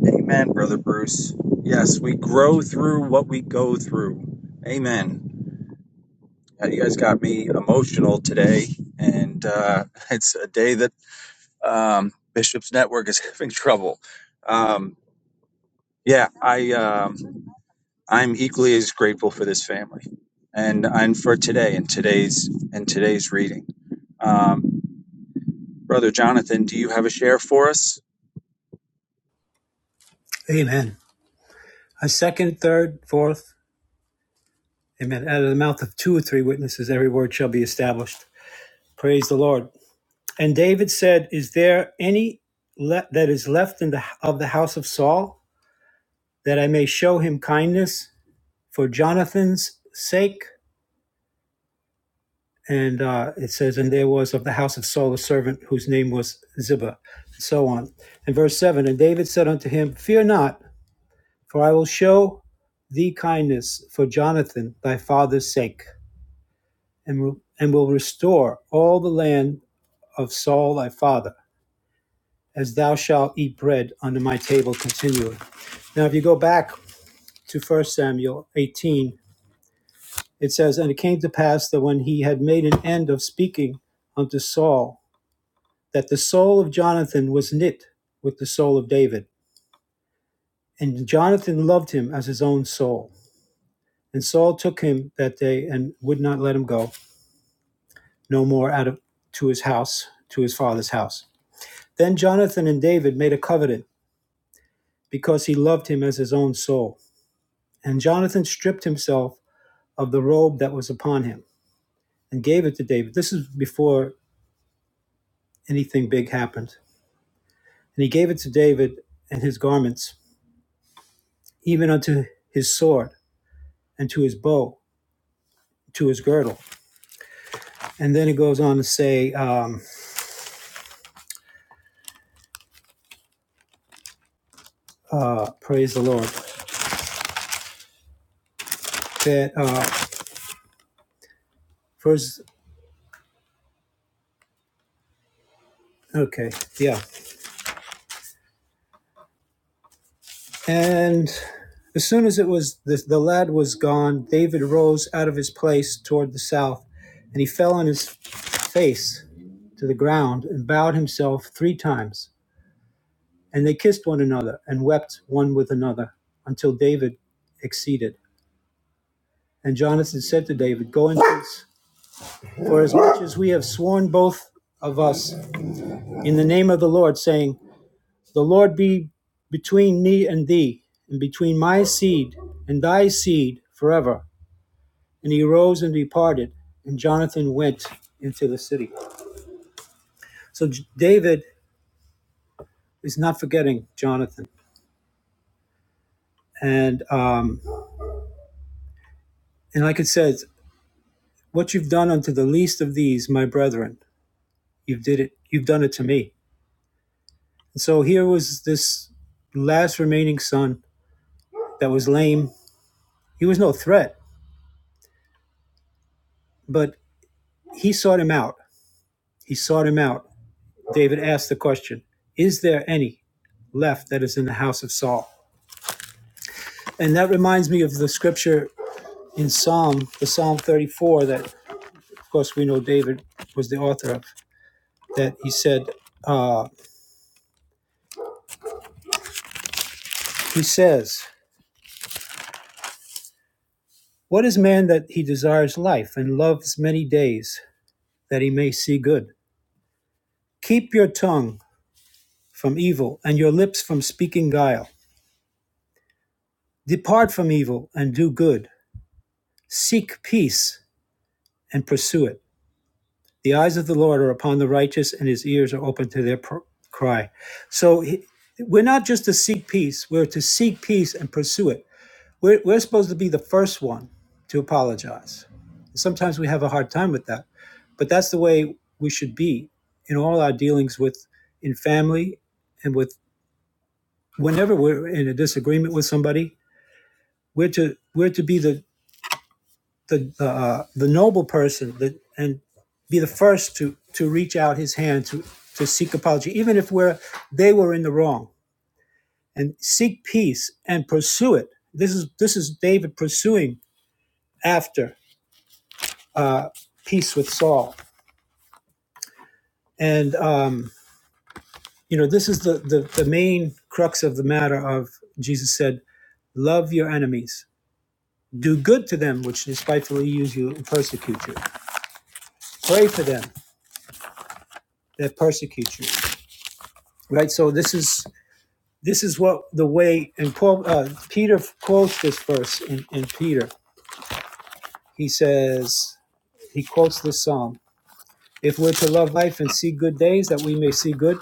Amen, Brother Bruce. Yes, we grow through what we go through. Amen. Uh, You guys got me emotional today, and uh, it's a day that um, Bishop's Network is having trouble. Um, Yeah, I um, I'm equally as grateful for this family, and and for today and today's and today's reading. Um, Brother Jonathan, do you have a share for us?
Amen. A second, third, fourth, amen. Out of the mouth of two or three witnesses, every word shall be established. Praise the Lord. And David said, Is there any le- that is left in the of the house of Saul that I may show him kindness for Jonathan's sake? And uh, it says, And there was of the house of Saul a servant whose name was Ziba, and so on. And verse 7 And David said unto him, Fear not, for I will show thee kindness for Jonathan thy father's sake and will, and will restore all the land of Saul thy father, as thou shalt eat bread under my table continually. Now, if you go back to First Samuel 18, it says, And it came to pass that when he had made an end of speaking unto Saul, that the soul of Jonathan was knit with the soul of David, and Jonathan loved him as his own soul. And Saul took him that day and would not let him go no more out of to his house, to his father's house. Then Jonathan and David made a covenant because he loved him as his own soul. And Jonathan stripped himself of the robe that was upon him and gave it to David. This is before anything big happened. And he gave it to David and his garments, even unto his sword and to his bow, to his girdle. And then it goes on to say, um, uh, praise the Lord, that uh, first, okay, yeah. And as soon as it was the, the lad was gone, David rose out of his place toward the south, and he fell on his face to the ground and bowed himself three times. And they kissed one another and wept one with another until David exceeded. And Jonathan said to David, Go in peace, for as much as we have sworn both of us in the name of the Lord, saying, 'The Lord be between me and thee, and between my seed and thy seed forever. And he arose and departed, and Jonathan went into the city. So David is not forgetting Jonathan. And um, and like it says, what you've done unto the least of these, my brethren, you've did it. You've done it to me. And so here was this last remaining son that was lame. He was no threat, but he sought him out. He sought him out. David asked the question, "Is there any left that is in the house of Saul?" And that reminds me of the scripture in Psalm, the Psalm 34 that, of course, we know David was the author of, that he said, uh, he says, What is man that he desires life and loves many days that he may see good? Keep your tongue from evil and your lips from speaking guile. Depart from evil and do good. Seek peace and pursue it. The eyes of the Lord are upon the righteous and his ears are open to their pr- cry. So he, we're not just to seek peace, we're to seek peace and pursue it We're, we're supposed to be the first one to apologize. Sometimes we have a hard time with that, but that's the way we should be in all our dealings with in family and with whenever we're in a disagreement with somebody. We're to we're to be the the uh, the noble person that and be the first to to reach out his hand to to seek apology, even if we're they were in the wrong, and seek peace and pursue it. This is this is David pursuing after uh, peace with Saul. And um, you know, this is the, the the main crux of the matter. Of Jesus said, "Love your enemies, do good to them which despitefully use you and persecute you. Pray for them that persecute you." Right. So this is this is what the way. And Paul, uh, Peter quotes this verse in, in Peter. He says he quotes this psalm. If we're to love life and see good days, that we may see good,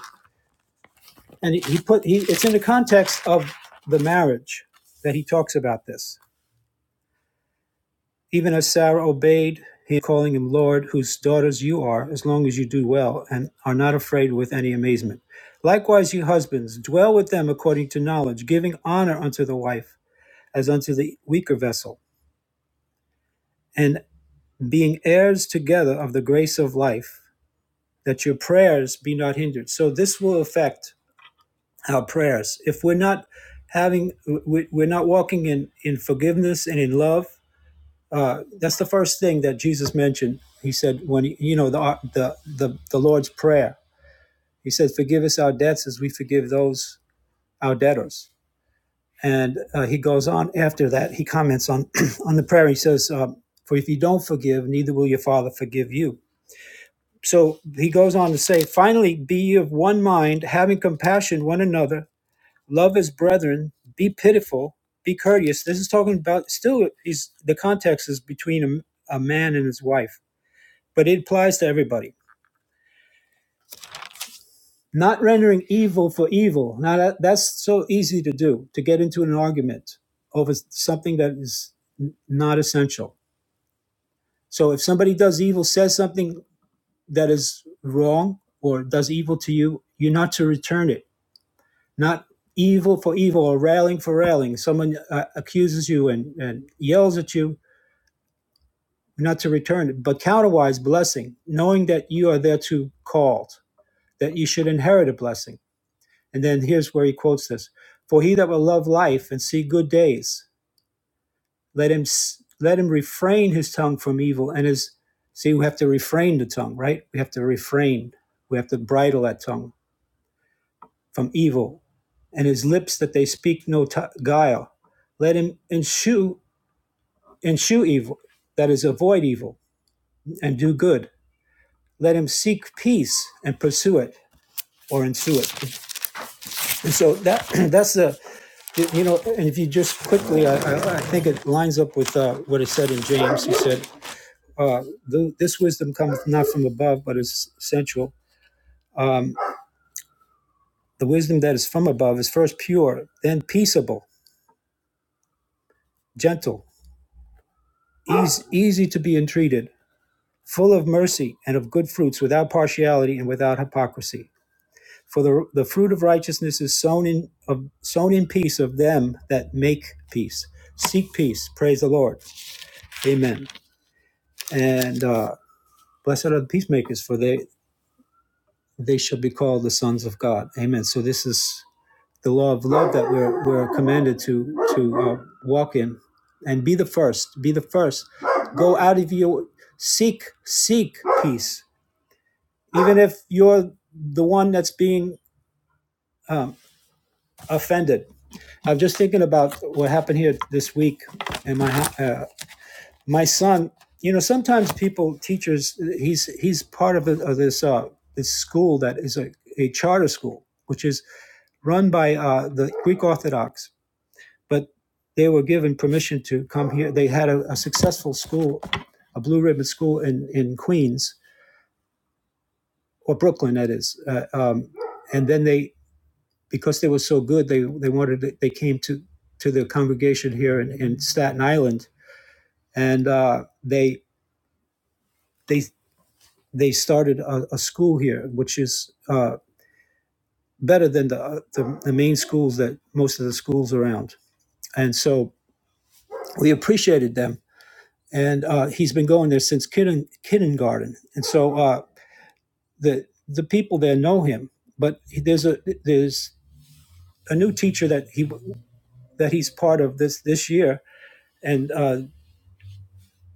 and he, he put he it's in the context of the marriage that he talks about this even as sarah obeyed he calling him lord whose daughters you are as long as you do well and are not afraid with any amazement likewise you husbands dwell with them according to knowledge giving honor unto the wife as unto the weaker vessel and being heirs together of the grace of life that your prayers be not hindered so this will affect our prayers. If we're not having, we- are not walking in, in forgiveness and in love, uh, that's the first thing that Jesus mentioned. He said, when, he, you know, the, the, the, the Lord's Prayer, he said, forgive us our debts as we forgive those, our debtors. And uh, he goes on after that, he comments on, on the prayer. He says, um, for if you don't forgive, neither will your Father forgive you. So he goes on to say, finally, be of one mind, having compassion one another love his brethren, be pitiful, be courteous. This is talking about still is the context is between a, a man and his wife, but it applies to everybody. Not rendering evil for evil. Now that, that's so easy to do to get into an argument over something that is n- not essential. So if somebody does evil, says something that is wrong or does evil to you, you're not to return it. Not evil for evil or railing for railing. Someone uh, accuses you and, and yells at you not to return but counterwise blessing, knowing that you are thereto called, that you should inherit a blessing. And then here's where he quotes this: "For he that will love life and see good days, let him let him refrain his tongue from evil and his." See, we have to refrain the tongue, right? We have to refrain. We have to bridle that tongue from evil, and his lips that they speak no t- guile. Let him eschew eschew evil, that is, avoid evil and do good let him seek peace and pursue it or ensue it. And so that that's the you know, and if you just quickly, I, I, I think it lines up with uh, what is said in James. He said, uh, "This wisdom cometh not from above, but is sensual. The wisdom that is from above is first pure, then peaceable, gentle, easy, easy to be entreated, full of mercy and of good fruits, without partiality and without hypocrisy." For the, the fruit of righteousness is sown in of sown in peace of them that make peace. Seek peace. Praise the Lord. Amen. And uh, blessed are the peacemakers, for they they shall be called the sons of God. Amen. So this is the law of love that we're we're commanded to to uh, walk in, and be the first. Be the first. Go out of your seek seek peace, even if you're the one that's being um, offended I'm just thinking about what happened here this week, and my uh, my son. You know, sometimes people, teachers, he's he's part of, the, of this uh, this school that is a, a charter school, which is run by uh, the Greek Orthodox. But they were given permission to come here. They had a, a successful school, a blue ribbon school in in Queens or Brooklyn, that is. Uh, um, and then they, because they were so good, they they wanted to- they came to to the congregation here in, in Staten Island and uh, they they they started a, a school here, which is uh, better than the, uh, the the main schools that most of the schools around. And so we appreciated them. And uh, he's been going there since kidden, kindergarten. And so uh, the the people there know him. But there's a there's a new teacher that he that he's part of this this year. And uh,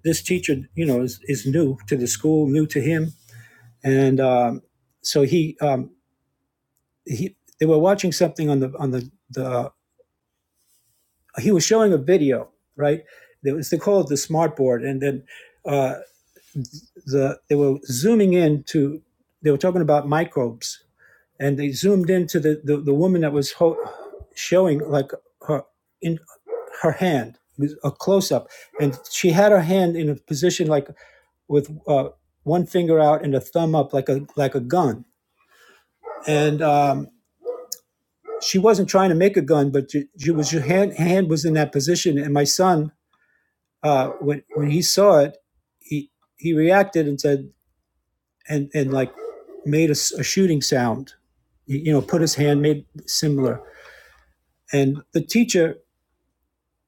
this teacher, you know, is, is new to the school, new to him. And um, so he um, he they were watching something on the on the the uh, he was showing a video right it was they called it the smart board and then uh, the they were zooming in to they were talking about microbes and they zoomed into the the, the woman that was ho- showing like her in her hand it was a close up and she had her hand in a position like with uh, one finger out and a thumb up like a like a gun and um, she wasn't trying to make a gun, but she, she was her hand hand was in that position. And my son, uh, when when he saw it, he he reacted and said and and like made a a shooting sound. He, you know, put his hand made similar. And the teacher,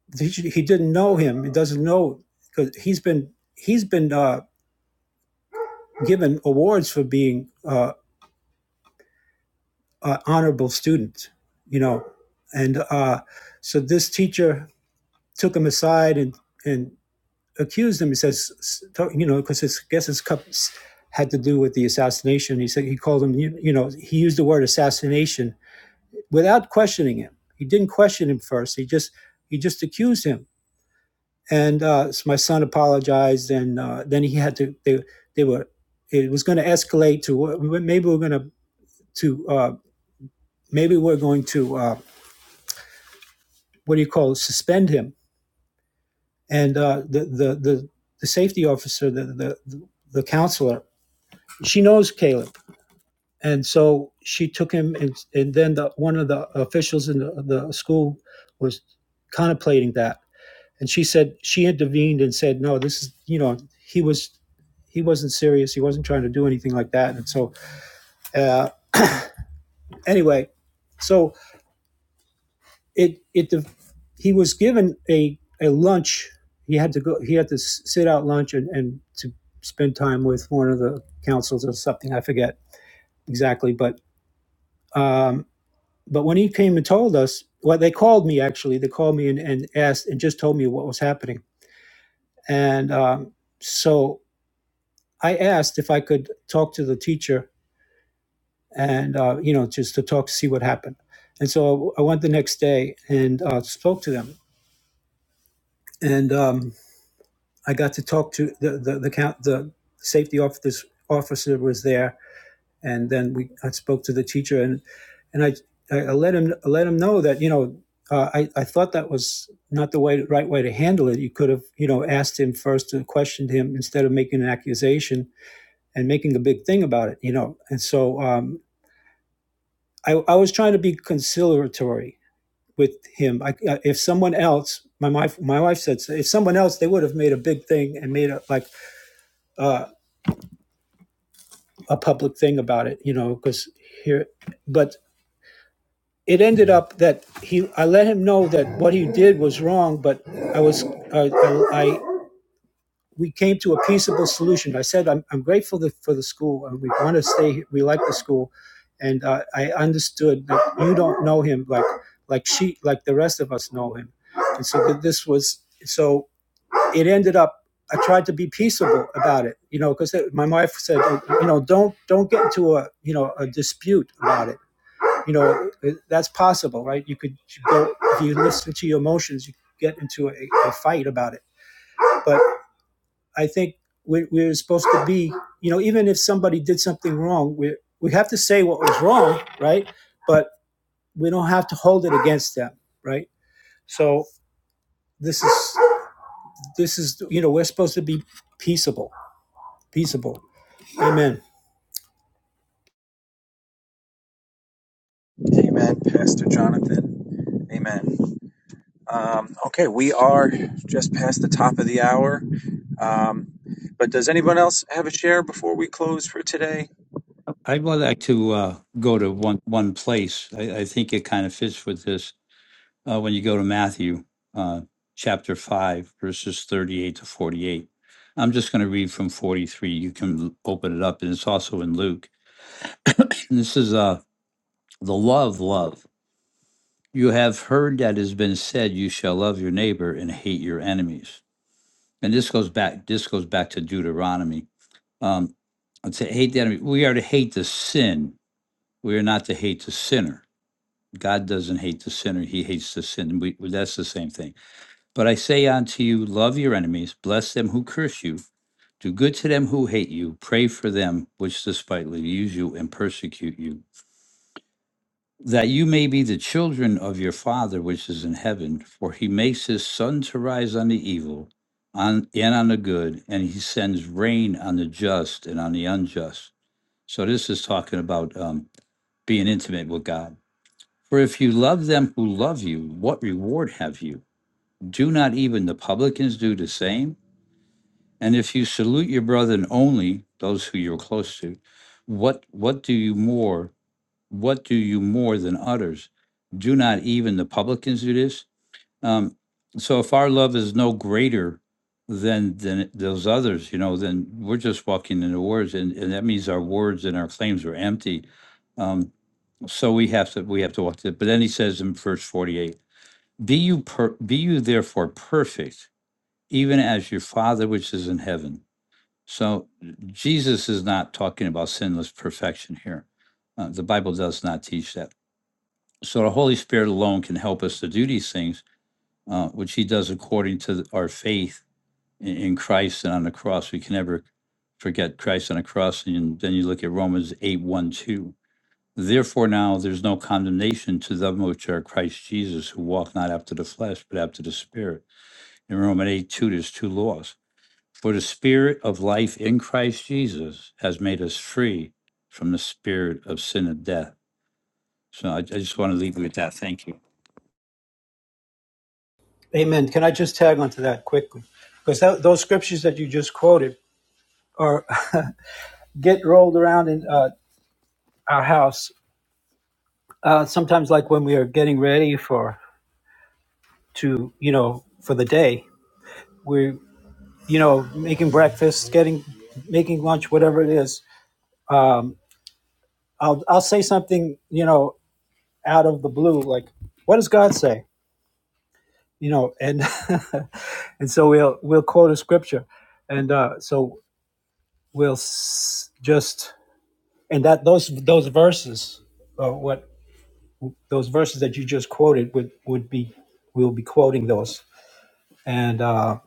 the teacher, he didn't know him. He doesn't know because he's been he's been uh, given awards for being uh, an honorable student. You know, and uh, so this teacher took him aside and and accused him. He says, you know, because I guess his cup had to do with the assassination. He said he called him, you, you know, he used the word assassination without questioning him. He didn't question him first. He just he just accused him. And uh, so my son apologized, and uh, then he had to. They they were it was going to escalate to what- maybe we're going to to uh, maybe we're going to uh, what do you call it, suspend him. And uh, the, the the the safety officer, the the the counselor, she knows Caleb And so she took him, and, and then the, one of the officials in the, the school was contemplating that. And she said, she intervened and said, no, this is, you know, he was, he wasn't serious. He wasn't trying to do anything like that. And so, uh, anyway, so it, it, he was given a, a lunch. He had to go, he had to sit out lunch and, and to spend time with one of the councils or something. I forget exactly, but, um, But when he came and told us, well, they called me actually. They called me and, and asked and just told me what was happening. And um, so I asked if I could talk to the teacher and, uh, you know, just to talk to see what happened. And so I went the next day and uh, spoke to them. And um, I got to talk to the, the, the, count, the safety officer, officer was there and then we I spoke to the teacher and and I I let him I let him know that you know uh, I I thought that was not the way right way to handle it. You could have you know asked him first and questioned him instead of making an accusation and making a big thing about it. You know, and so um, I I was trying to be conciliatory with him. I, if someone else. My wife, my wife said, so if someone else, they would have made a big thing and made a, like uh, a public thing about it, you know, because here. But it ended up that he I let him know that what he did was wrong, but I was uh, I, I we came to a peaceable solution. I said I'm, I'm grateful for the school and we want to stay. here. We like the school, and uh, I understood that you don't know him like like she like the rest of us know him, and so that this was so it ended up. I tried to be peaceable about it, you know, because my wife said, you know, don't don't get into a you know a dispute about it you know that's possible right you could go if you listen to your emotions you get into a, a fight about it but i think we're, we're supposed to be you know even if somebody did something wrong we we have to say what was wrong right but we don't have to hold it against them right so this is this is you know we're supposed to be peaceable peaceable amen
Amen, Pastor Jonathan. Amen. Um, okay, we are just past the top of the hour. Um, but does anyone else have a share before we close for today?
I'd more like to uh, go to one one place. I, I think it kind of fits with this uh, when you go to Matthew uh, chapter five, verses thirty-eight to forty-eight. I'm just going to read from forty-three. You can l- open it up, and it's also in Luke. And this is uh, the love, love. You have heard that has been said, "You shall love your neighbor and hate your enemies." And this goes back. This goes back to Deuteronomy. Um, I'd say hate the enemy. We are to hate the sin. We are not to hate the sinner God doesn't hate the sinner, he hates the sin. We, that's the same thing. But I say unto you, love your enemies, bless them who curse you, do good to them who hate you, pray for them which despitefully use you and persecute you, that you may be the children of your Father which is in heaven, for he makes his sun to rise on the evil on, and on the good, and he sends rain on the just and on the unjust. So this is talking about um, being intimate with God For if you love them who love you, what reward have you? Do not even the publicans do the same? And if you salute your brethren only, those who you're close to, what what do you more? What do you more than others? Do not even the publicans do this? Um, so if our love is no greater than than those others, you know, then we're just walking in the words, and, and that means our words and our claims are empty. Um, so we have to we have to walk to. it. But then he says in verse forty eight. Be you per, be you therefore perfect, even as your Father which is in heaven. So Jesus is not talking about sinless perfection here. Uh, the Bible does not teach that. So the Holy Spirit alone can help us to do these things, uh, which He does according to our faith in, in Christ and on the cross. We can never forget Christ on the cross. And then you look at Romans eight one two. Therefore, now there's no condemnation to them which are Christ Jesus, who walk not after the flesh, but after the Spirit in Roman 8 2, there's two laws. For the spirit of life in Christ Jesus has made us free from the spirit of sin and death. So I, I just want to leave you with that. Thank you.
amen can i just tag onto that quickly because that, those scriptures that you just quoted are get rolled around in uh, our house. Uh, sometimes, like when we are getting ready for to you know for the day, we're you know making breakfast, getting making lunch, whatever it is. Um, I'll I'll say something you know out of the blue, like what does God say? You know, and and so we'll we'll quote a scripture, and uh, so we'll s- just and that those those verses, uh, what those verses that you just quoted would would be we'll be quoting those and. Uh,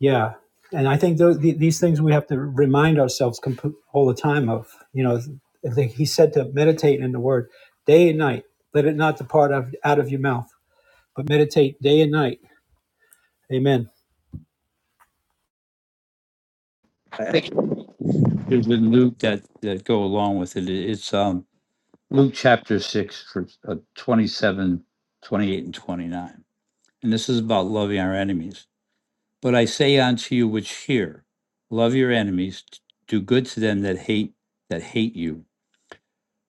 Yeah, and I think those, these things we have to remind ourselves comp- all the time of. You know, I think he said to meditate in the Word day and night. Let it not depart out of your mouth, but meditate day and night. Amen.
Thank you. There's a Luke that, that go along with it. It's um, Luke chapter 6, verse uh, 27, twenty-eight, and 29. And this is about loving our enemies. But I say unto you which hear, love your enemies, do good to them that hate that hate you,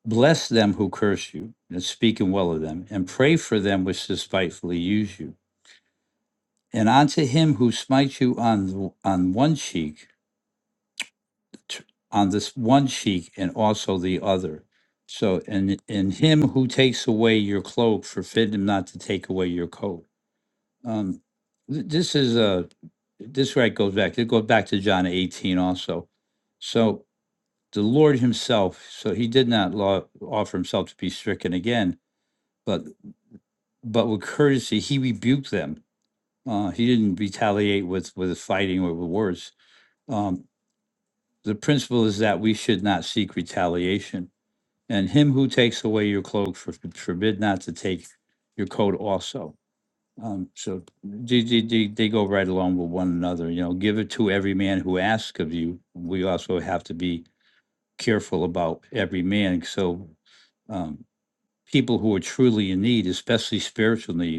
Bless them who curse you, and speaking well of them, and pray for them which despitefully use you. And unto him who smites you on the, on one cheek, t- on this one cheek, and also the other. So, and and him who takes away your cloak, forbid him not to take away your coat. Um, th- this is a this right goes back. It goes back to John eighteen also. So the Lord Himself. So He did not law, offer Himself to be stricken again but. but with courtesy, he rebuked them. Uh, he didn't retaliate with with fighting or with words. Um, the principle is that we should not seek retaliation. And him who takes away your cloak for, forbid not to take your coat also. Um, so they, they, they they go right along with one another. You know, give it to every man who asks of you. We also have to be careful about every man. So um, people who are truly in need, especially spiritual need,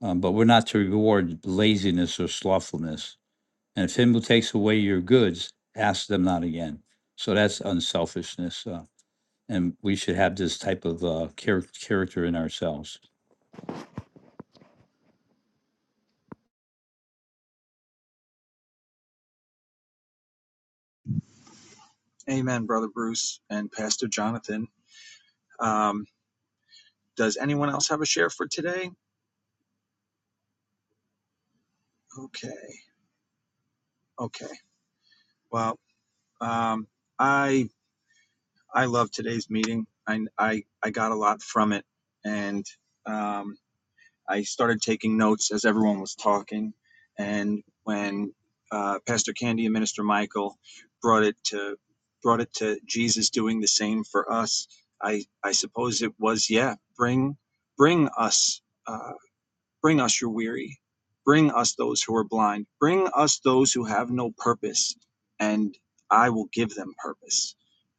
Um, but we're not to reward laziness or slothfulness. And if him who takes away your goods, ask them not again. So that's unselfishness. Uh, and we should have this type of uh, char- character in ourselves.
Amen, Brother Bruce and Pastor Jonathan. Um, does anyone else have a share for today? Okay, okay. Well, um, I I love today's meeting. I, I, I got a lot from it. And um, I started taking notes as everyone was talking. And when uh, Pastor Candy and Minister Michael brought it to brought it to Jesus doing the same for us, I, I suppose it was, yeah, bring bring us uh, bring us your weary. Bring us those who are blind. Bring us those who have no purpose, and I will give them purpose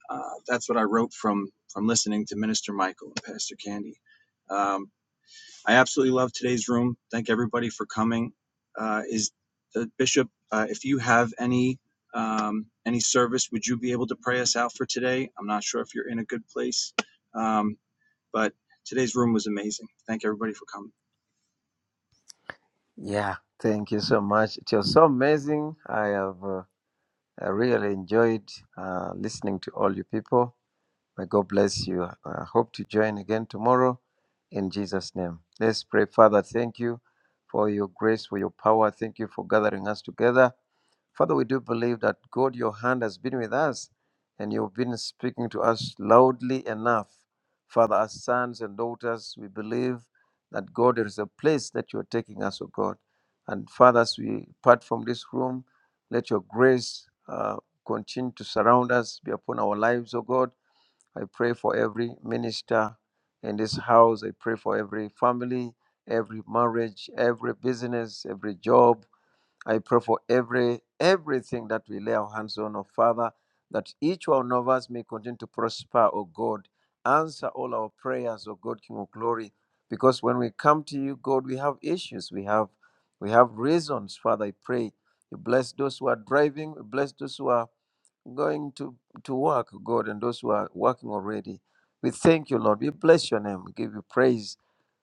uh, that's what I wrote from from listening to Minister Michael and Pastor Candy. Um, I absolutely love today's room. Thank everybody for coming. Uh, is the bishop? Uh, if you have any um, any service, would you be able to pray us out for today? I'm not sure if you're in a good place, um, but today's room was amazing. Thank everybody for coming.
Yeah, thank you so much. It was so amazing. I have uh, I really enjoyed uh, listening to all you people May God bless you. I hope to join again tomorrow in Jesus' name. Let's pray. Father, thank you for your grace, for your power. Thank you for gathering us together. Father, we do believe that God, your hand has been with us and you've been speaking to us loudly enough. Father, as sons and daughters, we believe that God, there is a place that you are taking us, O God. And Father, as we part from this room, let your grace uh, continue to surround us, be upon our lives, O God I pray for every minister in this house. I pray for every family, every marriage, every business, every job. I pray for every everything that we lay our hands on, oh Father, that each one of us may continue to prosper, oh God. Answer all our prayers, oh God, King of Glory. Because when we come to you, God, we have issues. We have we have reasons, Father. I pray. You bless those who are driving, you bless those who are going to, to work, God, and those who are working already. We thank you, Lord. We bless your name. We give you praise.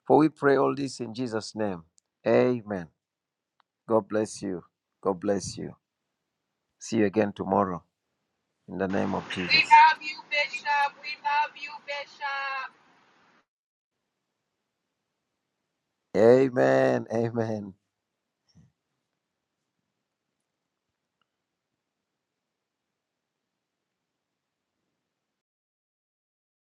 For we pray all this in Jesus' name. Amen. God bless you. God bless you. See you again tomorrow in the name of
We
Jesus.
love you, Bishop. We love you, Bishop.
Amen. Amen.